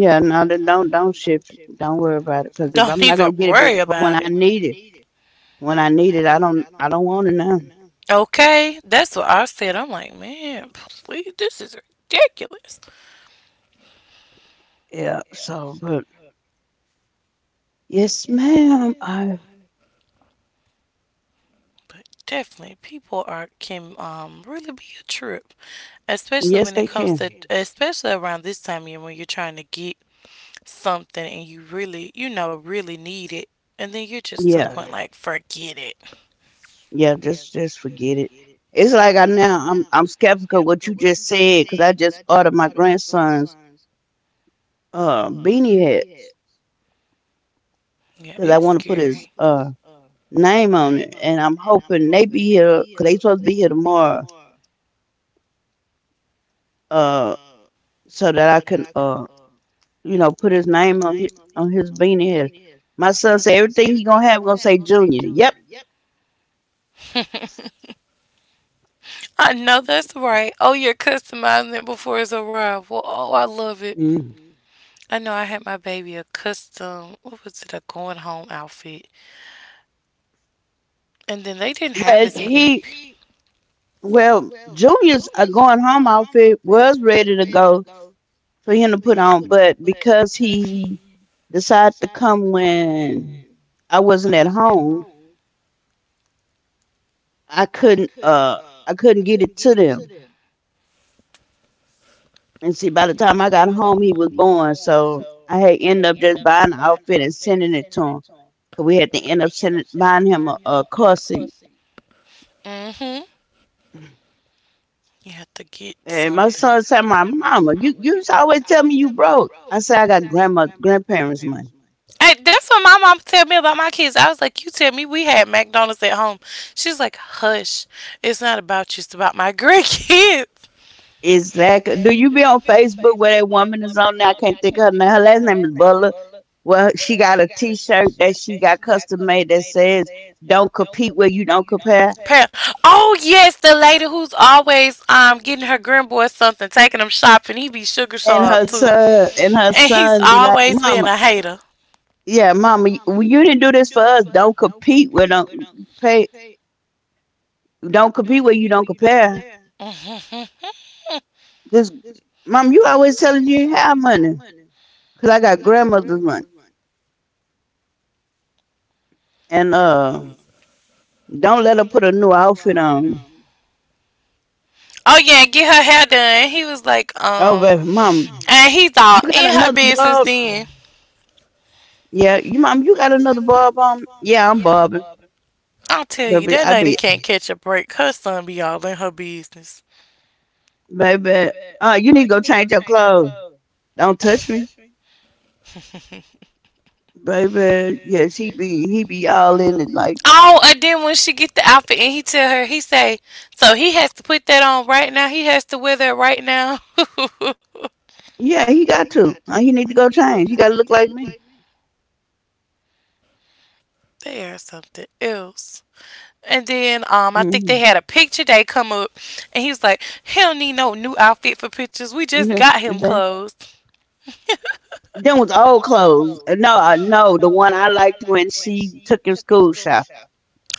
S2: Yeah, no, don't shift. Don't worry about it, because if
S1: Don't
S2: I'm not
S1: even
S2: gonna get it
S1: worry
S2: before
S1: about it.
S2: when I need it, I don't want it now.
S1: Okay, that's what I said. I'm like, man, please, this is ridiculous.
S2: Yeah. So, but yes, ma'am. I
S1: But definitely, people are can really be a trip, especially when
S2: Yes,
S1: it
S2: they
S1: comes
S2: can.
S1: to can. Especially around this time of year when you're trying to get something and you really, you know, really need it, and then you're just to the
S2: Yeah,
S1: point like, forget it.
S2: yeah. Just forget it. It's like I now, I'm skeptical what you just said, because I just ordered my grandson's beanie hats,
S1: Yeah,
S2: because I
S1: it's
S2: want to
S1: They
S2: put his
S1: scary. To
S2: name on it, and I'm hoping they be here, because they supposed to be here tomorrow. Uh, so that I can you know, put his name on his beanie head. My son said everything he gonna have gonna say Junior. Yep.
S1: uh [laughs] I know that's right. Oh, you're customizing it before it's arrival. Oh, I love it.
S2: Mm.
S1: I know I had my baby a custom, what was it, a going home outfit. And then they didn't have
S2: Well,
S1: as many.
S2: he well, juniors are going home outfit was ready to go for him to put on, but because he decided to come when I wasn't at home, I couldn't get it to them. And see, by the time I got home, he was born, so I had end up just buying the outfit and sending it to him. Cause we had to end up sending buying him a car seat.
S1: Mm-hmm. You had to get
S2: And my
S1: something.
S2: son said, "My mama, you used to always tell me you broke." I said, "I got grandma grandparents money."
S1: Hey, that's what my mom tell me about my kids. I was like, "You tell me we had McDonald's at home." She's like, "Hush, it's not about you. It's about my [laughs] grandkids."
S2: Is that do you be on Facebook where that woman is on now? I can't think of her name. Her last name is Butler. Well, she got a T-shirt that she got custom made that says, "Don't compete where you don't compare."
S1: Oh yes, the lady who's always getting her grandboy something, taking him shopping. He be sugar sharp too, and
S2: And her
S1: in he's tub,
S2: son be like,
S1: always been
S2: "Mama,
S1: a hater.
S2: yeah, mama, you didn't do this for us. Don't compete where don't pay. Don't compete where you don't compare."
S1: [laughs]
S2: This, mom, you always telling you ain't have money. Cause I got grandmother's money. And uh, don't let her put a new outfit on.
S1: Oh yeah, get her hair done. He was like,
S2: Oh baby, mom,
S1: and he's all
S2: you got
S1: in her
S2: another
S1: business.
S2: bob?
S1: Then
S2: Yeah, you mom, you got another bob on? Yeah, I'm bobbing.
S1: I'll tell you,
S2: Baby,
S1: that
S2: I be
S1: lady can't catch a break. Her son be all in her business.
S2: baby, you need to go change your clothes. Don't touch me. Baby, yes, he be all in it like
S1: Oh, and then when she get the outfit and he tell her, he say, so he has to put that on right now. He has to wear that right now. [laughs]
S2: yeah, he got to. He need to go change. He gotta look like me.
S1: They are something else. And then I think
S2: Hmm.
S1: they had a picture day come up, and he was like, "He don't need no new outfit for pictures. We just
S2: Yeah.
S1: got him clothes."
S2: Them was old clothes. No, the one I liked when she took him school shopping.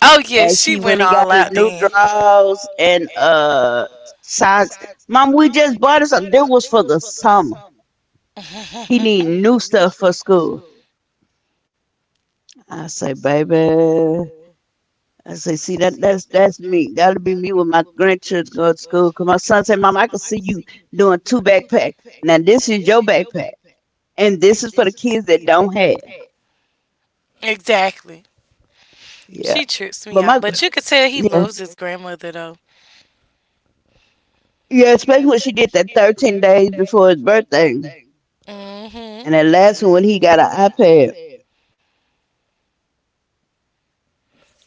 S1: Oh yeah,
S2: And
S1: she
S2: she went
S1: went
S2: and
S1: all
S2: got him
S1: out
S2: new
S1: then. [laughs]
S2: drawers and uh, socks. Mom, we just bought him something. That was for the summer.
S1: and
S2: He need new stuff for school. I say, baby. I say, see that's me. That'll be me with my grandchildren go to school. Cause my son said, Mom, I can see you doing two backpacks. Now this is your backpack. And this is for the kids that don't have.
S1: Exactly.
S2: Yeah.
S1: She trips me
S2: But
S1: out,
S2: my
S1: but you could tell he
S2: yeah.
S1: loves his grandmother though.
S2: Yeah, especially when she did that 13 days before his birthday.
S1: Mhm.
S2: And that last one when he got an iPad.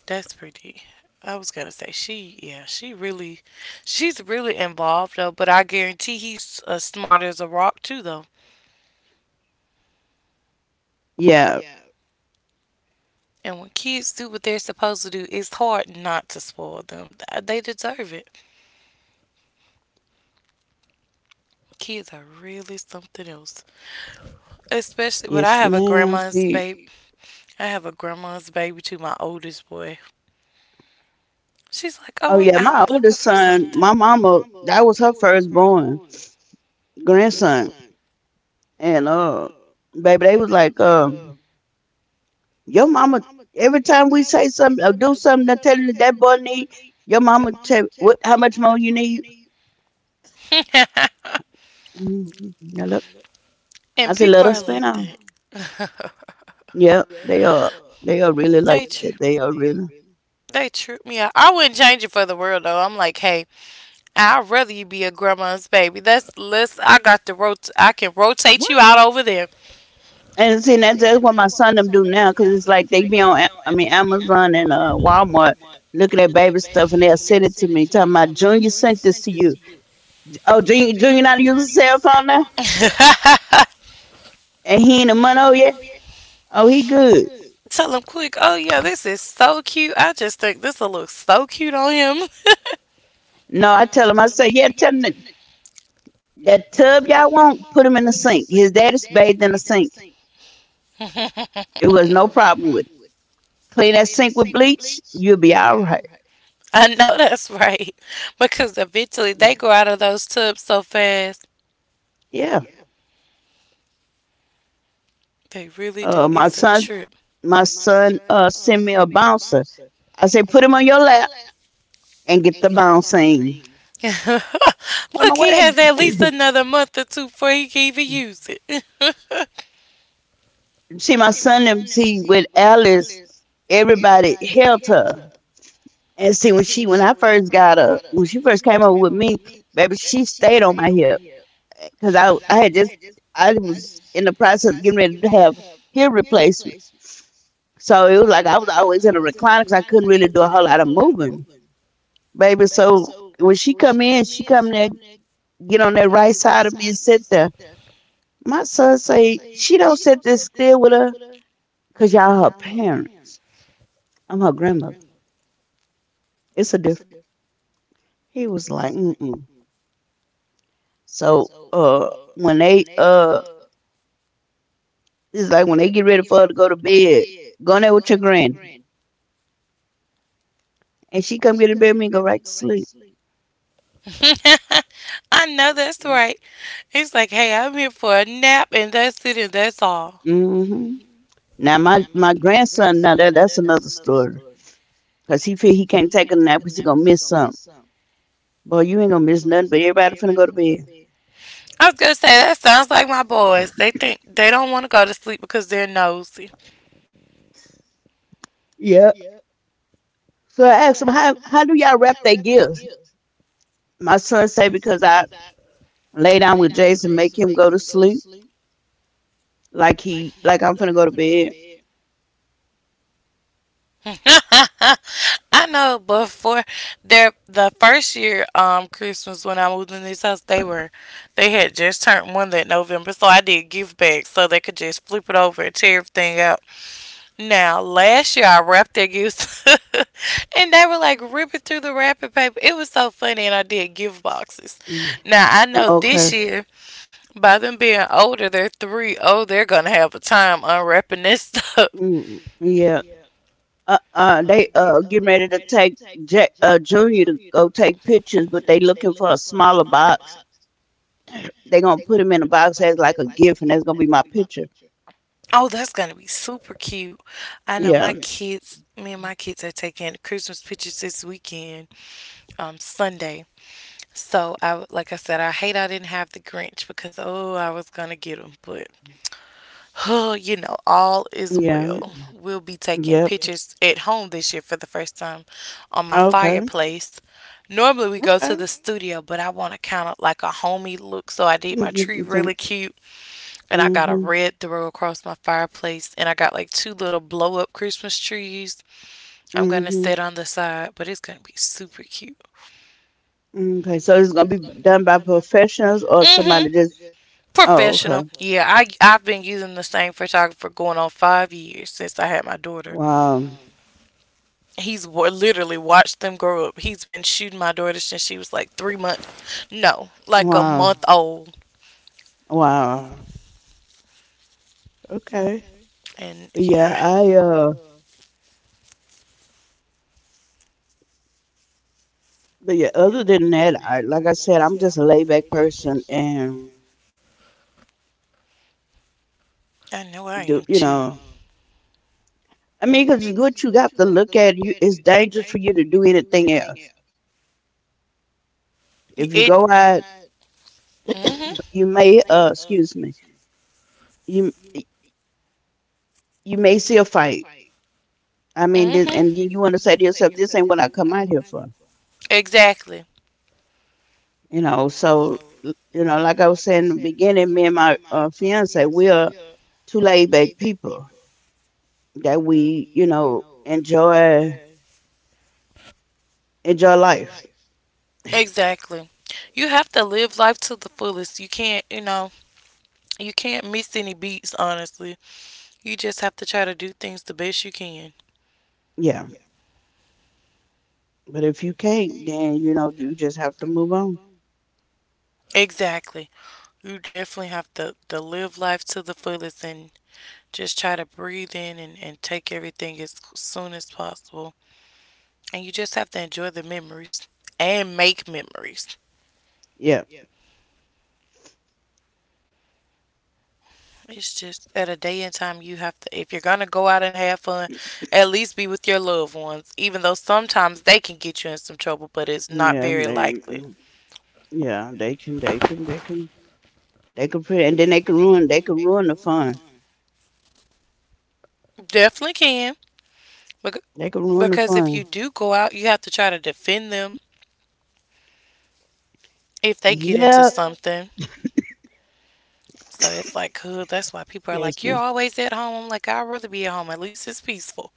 S1: That's pretty. I was gonna say she really, she's really involved though. But I guarantee he's as smart as a rock too though.
S2: Yeah.
S1: And when kids do what they're supposed to do, it's hard not to spoil them. They deserve it. Kids are really something else. Especially, but I
S2: Yes,
S1: have a
S2: ma'am.
S1: grandma's
S2: See,
S1: baby. I have a grandma's baby to my oldest boy. She's like, oh,
S2: oh
S1: I'm
S2: yeah,
S1: Oh
S2: my
S1: out looking
S2: oldest
S1: for
S2: son,
S1: something.
S2: my mama, that was her firstborn grandson, and baby, they was like, your mama. Every time we say something or do something, that tell you that boy need your mama. Tell what how much more you need.
S1: [laughs]
S2: Mhm. Yeah, look, I
S1: And
S2: said let
S1: people
S2: us
S1: are
S2: spin
S1: like
S2: on.
S1: that.
S2: Yeah, they are. They are really
S1: They
S2: like
S1: tr-
S2: that. They are really.
S1: they trip me out. I wouldn't change it for the world though. I'm like, hey, I'd rather you be a grandma's baby. That's less. I got the rot. I can rotate you out over there.
S2: And see, that's what my son them do now, cause it's like they be on, Amazon and Walmart, looking at baby stuff, and they'll send it to me, talking about Junior sent this to you. Oh, Junior not use a cell phone now,
S1: Now?
S2: and he ain't a money. Oh yeah, oh he good.
S1: [laughs] Tell him quick, oh yeah, this is so cute. I just think this will look so cute on him.
S2: No, I tell him, I say, yeah, that tub y'all want, put him in the sink. His daddy's bathed in the sink. It was no problem with it. Clean that sink with bleach, you'll be all right.
S1: [laughs] I know that's right. Because eventually they grow out of those tubs so fast.
S2: Yeah.
S1: They really do.
S2: Uh,
S1: Oh,
S2: my
S1: it's a
S2: son,
S1: trip.
S2: my son, sent me a bouncer. I say, put him on your lap and get the bouncing.
S1: [laughs]
S2: Tell me
S1: Look,
S2: where
S1: he
S2: that
S1: has at least another month or two before he can even use it.
S2: see my son them see with Alice, everybody helped her. And see when I first got her, when she first came over with me, baby, she stayed on my hip because I had just I was in the process of getting ready to have hip replacement. So it was like I was always in a recliner because I couldn't really do a whole lot of moving, baby. So when she come in, she come there, get on that right side of me and sit there. My son say she don't sit there still with her because y'all her parents. I'm her grandmother. It's a different. He was like, mm-mm. So when they It's like when they get ready for her to go to bed, go in there with your granny, and she come get in bed with me and go right to sleep.
S1: [laughs] I know that's right. He's like, hey, I'm here for a nap and that's it and that's all.
S2: Hmm. Now my grandson, now that that's another story, cause he feel he can't take a nap because he gonna miss something. Boy, you ain't gonna miss nothing, but everybody finna go to bed.
S1: I was gonna say that sounds like my boys. They think they don't want to go to sleep because they're nosy.
S2: Yeah. So I asked him how do y'all wrap their gifts? My son say because I lay down with Jason, make him go to sleep. Like I'm finna go to bed.
S1: [laughs] I know, but for their the first year Christmas when I moved in this house, they had just turned one that November, so I did gift bags so they could just flip it over and tear everything out. Now last year I wrapped their gifts, [laughs] and they were like ripping through the wrapping paper. It was so funny, and I did gift boxes.
S2: Mm.
S1: Now I know
S2: Oh,
S1: this
S2: okay.
S1: year, by them being older, they're three. Oh, they're gonna have a time unwrapping this stuff. [laughs]
S2: Mm, yeah. They getting ready to take Jack Junior to go take pictures, but they looking for a smaller box. They gonna put him in a box as like a gift, and that's gonna be my picture.
S1: Oh, that's gonna be super cute. I know
S2: Yeah.
S1: my kids, me and my kids are taking Christmas pictures this weekend, Sunday. So I, like I said, I hate I didn't have the Grinch because I was gonna get them, but [sighs] you know, all is
S2: Yeah.
S1: well. We'll be taking
S2: Yep.
S1: pictures at home this year for the first time on my
S2: Okay.
S1: fireplace. Normally we go
S2: Okay.
S1: to the studio, but I want to kind of like a homey look, so I did my tree
S2: Mm-hmm.
S1: really cute, and I got a red throw across my fireplace, and I got like two little blow up Christmas trees. I'm gonna
S2: Mm-hmm.
S1: set on the side, but it's gonna be super cute.
S2: Okay. So it's gonna be done by professionals or
S1: Hmm,
S2: somebody
S1: oh,
S2: just. Oh, okay.
S1: professional. Okay. Yeah, I've been using the same photographer going on 5 years since I had my daughter.
S2: Wow.
S1: He's literally watched them grow up. He's been shooting my daughter since she was like 3 months. No, like a
S2: Wow.
S1: month. Wow, old.
S2: Wow. Okay. But
S1: And
S2: yeah,
S1: yeah,
S2: other than that, I like I said, I'm just a laid back person. And
S1: I know I am.
S2: do
S1: Cause
S2: you
S1: too.
S2: know, I mean, because what you got to look at, you it's dangerous for you to do anything else. If you go
S1: It.
S2: out,
S1: Mhm. You.
S2: you may excuse me, you you may see a fight. I mean, this, and then
S1: Mhm.
S2: you want to say to yourself, this ain't what I come out here for,
S1: Exactly.
S2: you know. So you know, like I was saying in the beginning, me and my fiance, we are two laid back people that we you know enjoy life.
S1: Exactly. You have to live life to the fullest. You can't, you know. You can't miss any beats, honestly. You just have to try to do things the best you can.
S2: Yeah, but if you can't, then you know you just have to move on.
S1: Exactly. You definitely have to live life to the fullest, and just try to breathe in and, take everything as soon as possible. And you just have to enjoy the memories and make memories.
S2: Yeah,
S1: It's just at a day and time you have to, if you're going to go out and have fun, at least be with your loved ones, even though sometimes they can get you in some trouble, but it's not
S2: yeah,
S1: very
S2: they,
S1: likely.
S2: mm, yeah, they can, they can, they can, They can put, and then they can ruin the fun.
S1: Definitely can. Bec-
S2: They can ruin the
S1: Because if you
S2: fun.
S1: do go out, you have to try to defend them if they get into
S2: Yeah,
S1: something. So it's like, huh, that's why people are like,
S2: excuse
S1: you're
S2: me.
S1: always at home. I'm like, I'd rather be at home. At least it's peaceful.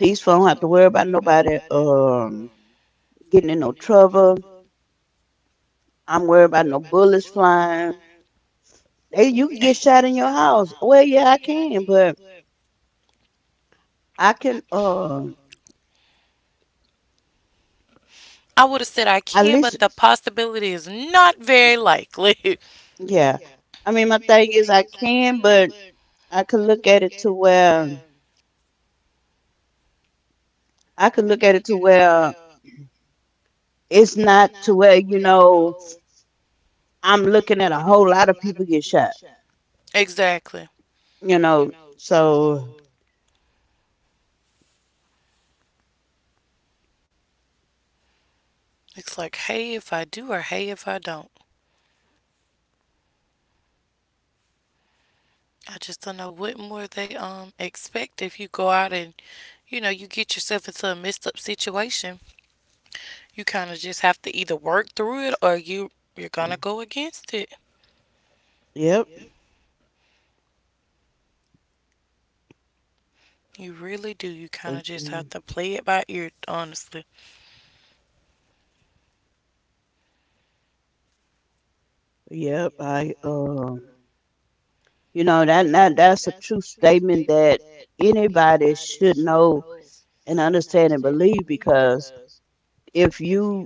S2: Peaceful. I don't have to worry about nobody getting in no trouble. I'm worried about no bullets flying. Hey, you can get shot in your house. Well, yeah, I can, but I can.
S1: I would have said I
S2: At
S1: can, but
S2: least,
S1: the possibility is not very likely.
S2: yeah. I mean, my thing is, I can, but I could look at it to where I could look at it to where it's not to where you know I'm looking at a whole lot of people get shot.
S1: [laughs] exactly.
S2: You know, so
S1: It's like, hey, if I do or hey, if I don't. I just don't know what more they expect if you go out and you know you get yourself into a messed up situation. You kind of just have to either work through it or you're gonna go against it.
S2: yep,
S1: You really do. You
S2: but,
S1: kind of just
S2: mm,
S1: have to play it by ear, honestly.
S2: yep. I You know that that's a true statement that anybody should know and understand and believe because if you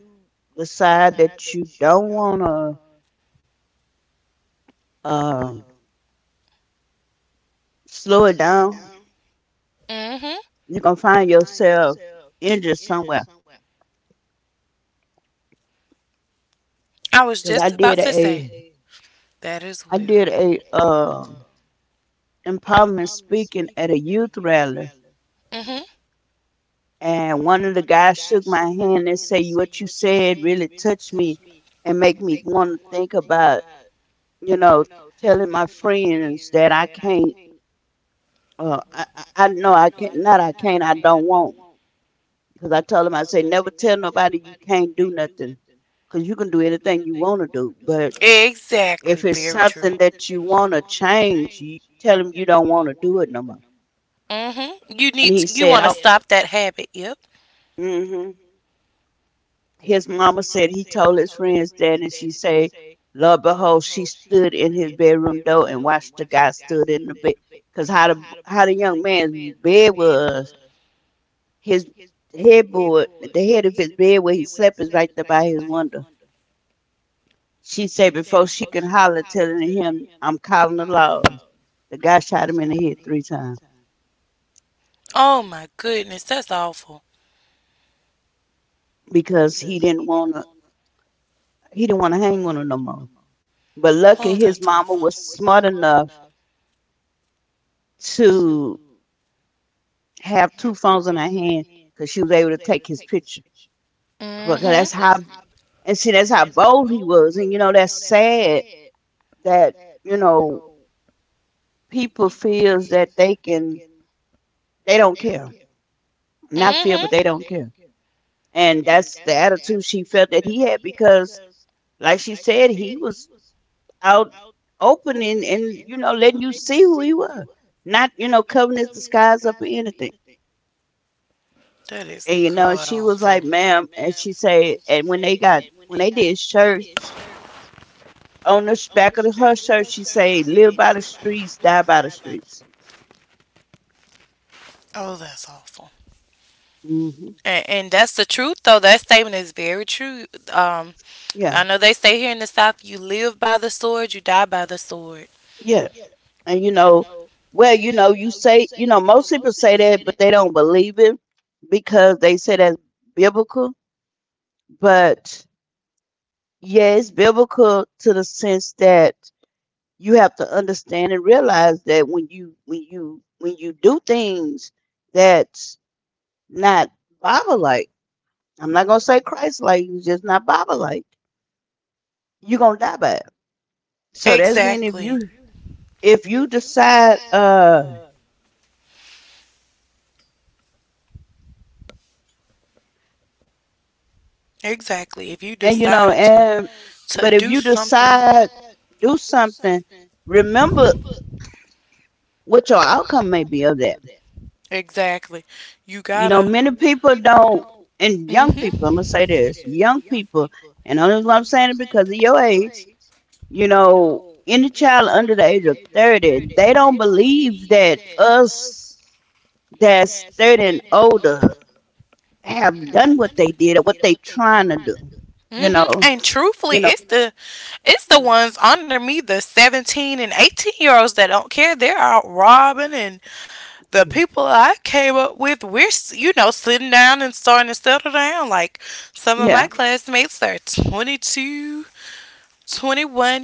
S2: decide that you don't want to um slow it down,
S1: Hmm.
S2: you're gonna find yourself injured somewhere.
S1: I was
S2: Because
S1: just about to That is say a that as
S2: I
S1: well.
S2: did a empowerment speaking at a youth rally,
S1: Hmm.
S2: and one of the guys shook my hand and said, "What you said really touched me, and make me want to think about, you know, telling my friends that I can't. I know I can't. Not I can't. I don't want. Because I told him, I say, never tell nobody you can't do nothing, because you can do anything you want to do. But
S1: Exactly.
S2: if
S1: If
S2: it's
S1: very true.
S2: something that you want to change, you tell them you don't want to
S1: More.
S2: do it no more."
S1: Hmm. You
S2: And
S1: need.
S2: he
S1: To, you
S2: said,
S1: want to
S2: "I'll."
S1: stop that habit. Yep.
S2: Hmm. His mama said he told his friends that, and she say, "Lo behold, she stood in his bedroom door and watched the guy stood in the bed, cause how the young man's bed was, his headboard, the head of his bed where he slept is right there by his window." She said before she can holler, telling him, "I'm calling the laws." The guy shot him in the head three times
S1: Oh my goodness, that's awful.
S2: because he didn't wanna hang with her no more. But
S1: Oh,
S2: lucky his
S1: that's
S2: mama
S1: awful.
S2: was smart enough to have two phones in her hand because she was able to take his picture.
S1: Mom,
S2: Because that's
S1: hmm.
S2: how, and see, that's how bold he was. And you know, that's sad that you know people feels that they can, they don't care, not
S1: Might
S2: feel, but they don't care.
S1: hmm.
S2: And that's the attitude she felt that he had because, like she said, he was out opening and you know letting you see who he was, not you know covering his disguise up or anything.
S1: That is
S2: And you
S1: And
S2: know,
S1: god
S2: she was
S1: awful. Was.
S2: like, "Ma'am," and she said, and when they did shirts on the back of her shirt, she said, "Live by the streets, die by the streets."
S1: Oh, that's awful.
S2: Hmm.
S1: And that's the truth, though. That statement is very true. Um, I
S2: Yeah,
S1: know they say here in the South, you live by the sword, you die by the sword.
S2: yeah, and you know, well, you know, you say, you know, most people say that, but they don't believe it because they say that's biblical. But yeah, it's biblical to the sense that you have to understand and realize that when you do things that." Not Bible like. I'm not gonna say Christ like. He's just not Bible like. You're gonna die by it. So that's mean
S1: Exactly.
S2: if you decide
S1: Exactly. If you
S2: and you know
S1: decide to
S2: and but if you
S1: do something,
S2: decide do something, remember what your outcome may be of that.
S1: exactly, you
S2: You know,
S1: gotta.
S2: many people don't, and young people, I'm
S1: Mhm.
S2: gonna say this, young people, and only reason I'm saying it because of your age, you know, any child under the age of 30, they don't believe that us that's 30 and older have done what they did or what they trying to do. you
S1: Mhm.
S2: know
S1: And truthfully,
S2: you know
S1: the it's the ones under me, the 17 and 18 year olds that don't care. They're out robbing and the people I came up with, we're, you know, sitting down and starting to settle down. Like some of
S2: yeah,
S1: my classmates are 21,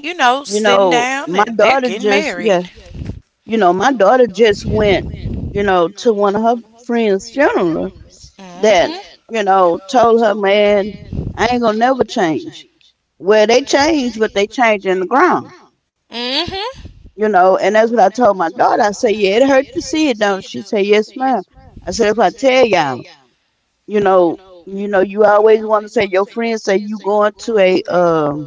S1: you know,
S2: you
S1: sitting
S2: know
S1: down
S2: my
S1: and they're
S2: daughter
S1: getting
S2: just
S1: married.
S2: yeah my daughter just went you know to one of her friends funeral that
S1: Hmm.
S2: you know told her man I ain't gonna never change. Well, they change, but they change in the ground.
S1: Mm-hmm.
S2: You know, and that's what I told my daughter. I said, yeah, it hurt to see it, don't it?" She said, yes ma'am. I said if I tell y'all, you know, you always want to say your friends say you going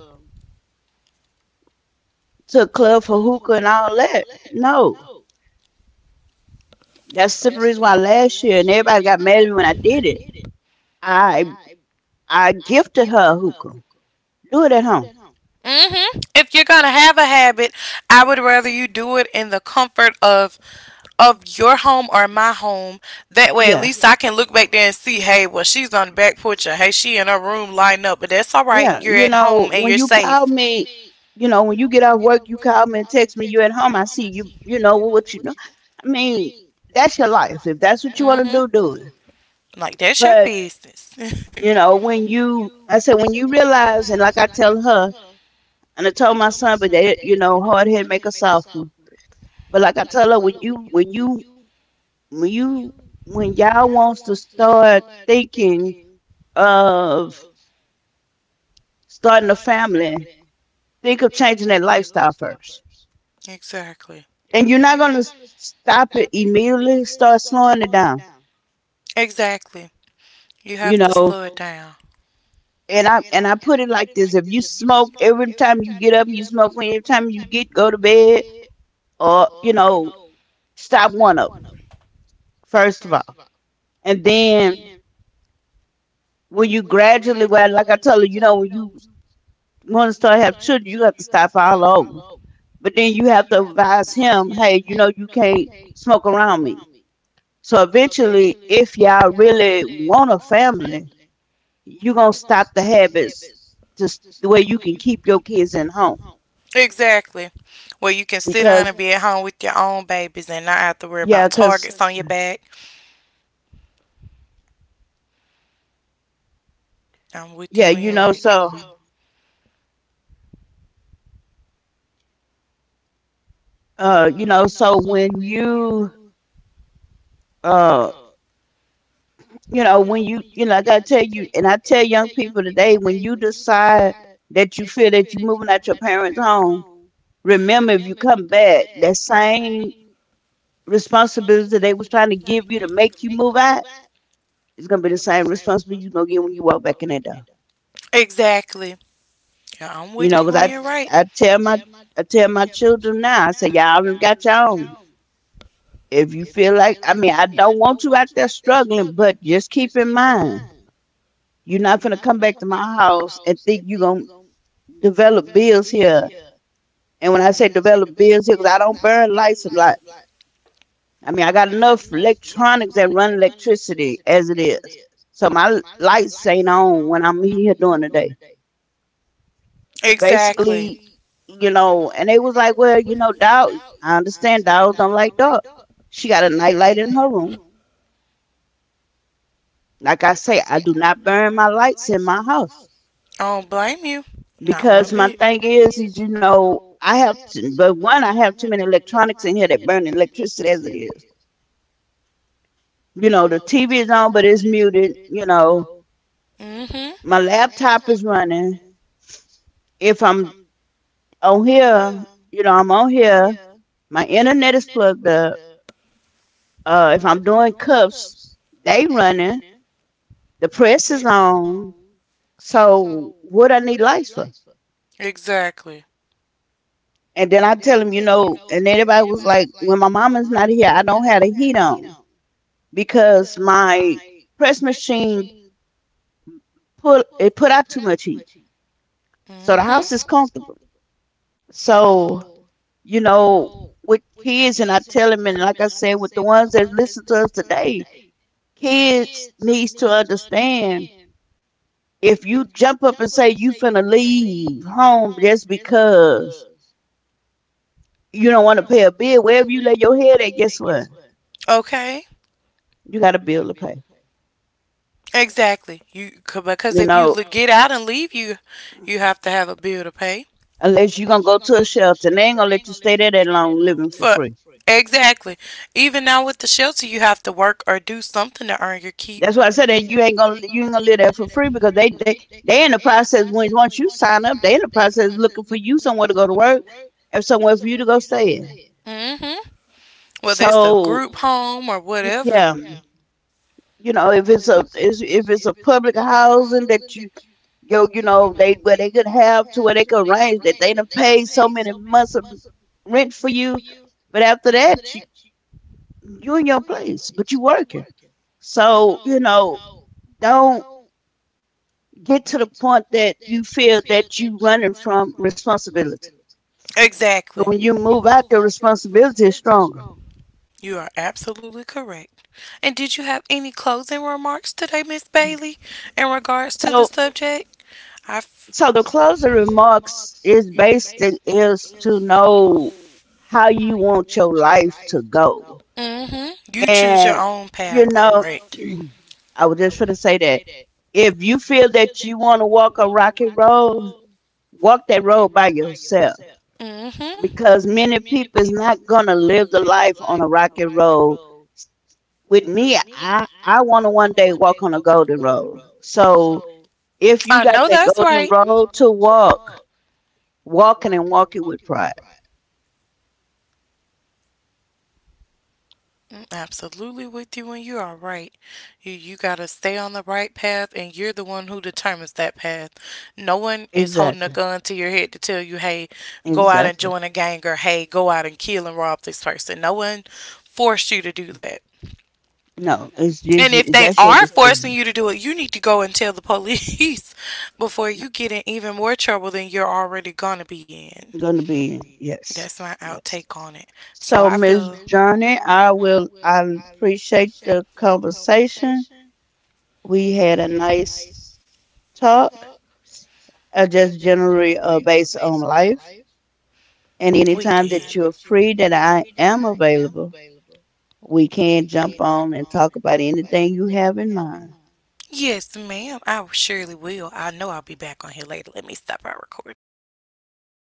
S2: to a club for hookah and all that. No, that's the reason why last year and everybody got mad at me when I did it. I I gifted her a hookah. Do it at home.
S1: Mm-hmm. If you're gonna have a habit, I would rather you do it in the comfort of your home or my home. That way at
S2: Yeah,
S1: least I can look back there and see, hey, well she's on the back porch or hey, she in her room lighting up, but that's all right.
S2: yeah.
S1: You're
S2: You
S1: at home
S2: know,
S1: and
S2: when
S1: you're
S2: you
S1: safe.
S2: call me, you know, when you get off work, you call me and text me. You at home? I see you. You know what you know. I mean, that's your life. If that's what you want to do, do it.
S1: Hmm. Like that's your But
S2: But.
S1: business. [laughs]
S2: You know, when you, I said, when you realize, and like I tell her, and I told my son, but they, you know, hard head make a soft one. But like I tell her, when you, when y'all wants to start thinking of starting a family, think of changing that lifestyle first.
S1: exactly.
S2: And you're not gonna stop it immediately. Start slowing it down.
S1: Exactly. You have
S2: You
S1: to slow
S2: know,
S1: it down.
S2: and I put it like this: if you smoke every time you get up, you smoke every time you get go to bed, or you know. Stop one of them, first of all. And then when you gradually, well, like I tell you, you know, when you want to start have children, you have to stop all over. But then you have to advise him, hey, you know, you can't smoke around me. So eventually, if y'all really want a family, you're going to stop the habits just the way you can keep your kids in home.
S1: Exactly. Where you can sit down
S2: Because,
S1: and be at home with your own babies and not have to worry
S2: yeah,
S1: about
S2: because,
S1: targets on your back. I'm with
S2: yeah,
S1: you when
S2: you
S1: you're
S2: know,
S1: right.
S2: so, you know, uh. you know, when you know, like I gotta tell you, and I tell young people today, when you decide that you feel that you're moving out your parents' home, remember if you come back, that same responsibility they was trying to give you to make you move out, it's gonna be the same responsibility you're gonna get when you walk back in that door.
S1: Exactly. Yeah, I'm
S2: You
S1: with you
S2: know, 'cause
S1: when you're right.
S2: I tell my, I tell my children now, I say, y'all done got your own. If you feel like, I mean, I don't want you out there struggling, but just keep in mind, you're not gonna come back to my house and think you're gonna develop bills here. And when I say develop bills here, because I don't burn lights a lot. I mean, I got enough electronics that run electricity as it is. So my lights ain't on when I'm here during the day. Basically,
S1: Exactly.
S2: you know, and they was like, well, you know, dog, I understand dogs don't like dark. She got a night light in her room. Like I say, I do not burn my lights in my house
S1: I don't blame you. Not
S2: because
S1: one
S2: my
S1: bit.
S2: thing is you know, I have to, but one, I have too many electronics in here that burn electricity as it is. You know, the TV is on, but it's muted. You know,
S1: Mm-hmm.
S2: my laptop is running. If I'm on here, you know, I'm on here. My internet is plugged up. If I'm doing cups, they running. The press is on. So what I need lights for?
S1: Exactly.
S2: And then I tell them, you know, and everybody was like, when my mom is not here, I don't have the heat on because my press machine put out too much heat. So the house
S1: Mm-hmm.
S2: is comfortable. So you know, with kids, and I tell them, and like I said, with the ones that listen to us today, kids needs to understand if you jump up and say you finna leave home just because you don't want to pay a bill, wherever you lay your head at, guess what?
S1: Okay.
S2: You got a bill to pay.
S1: Exactly. Because
S2: You
S1: if you
S2: know,
S1: get out and leave, you have to have a bill to pay.
S2: unless you're gonna go to a shelter, and they
S1: And
S2: ain't gonna let you stay there that long living for
S1: for
S2: free.
S1: exactly. Even now with the shelter, you have to work or do something to earn your keep.
S2: That's why I said that you ain't gonna live there for free because they in the process when once you sign up, they in the process looking for you somewhere to go to work and somewhere for you to go stay in.
S1: Mm-hmm. Whether it's a
S2: So
S1: group home or whatever.
S2: yeah, you know if it's a public housing that you know they where they could arrange that they done pay so many months of rent for you, but after that you in your place but you working. So you know don't. Get to the point that you feel that you are running from responsibility.
S1: Exactly.
S2: But when you move out, the responsibility is stronger.
S1: You are absolutely correct. And did you have any closing remarks today, Miss Bailey, in regards to
S2: So,
S1: the subject? I. F-
S2: so the closing remarks is based in, is to know how you want your life to go,
S1: mm-hmm. You choose your
S2: and
S1: And own And
S2: you
S1: path. You
S2: know, [clears throat]
S1: correct.
S2: I was just trying to say that if you feel that you want to walk a rocky road, walk that road by yourself
S1: Mm-hmm.
S2: because many people is not gonna live the life on a rocky road with me, I want to one day walk on a golden road. So if you
S1: I
S2: got
S1: know
S2: that
S1: that's
S2: golden
S1: right.
S2: road to walk, walking and walk it with pride.
S1: Mm, absolutely with you, and you are right. You gotta stay on the right path, and you're the one who determines that path. No one is holding a
S2: Exactly.
S1: gun to your head to tell you, "Hey, go out and
S2: Exactly.
S1: join a gang," or "Hey, go out and kill and rob this person." No one forced you to do that.
S2: No, it's just
S1: And if they
S2: that's your
S1: are forcing
S2: decision.
S1: you to do it, you need to go and tell the police [laughs] before you get in even more trouble than you're already gonna be in.
S2: Going to be yes,
S1: That's my
S2: yes.
S1: outtake on it. So
S2: So
S1: I
S2: Miss
S1: feel
S2: Journey, I will. I appreciate the conversation. We had a nice talk. Just generally based on life. And
S1: we
S2: anytime that
S1: did.
S2: you're free, that I am available we can jump on and talk about anything you have in mind.
S1: Yes, ma'am. I surely will. I know I'll be back on here later. Let me stop our recording. But yes.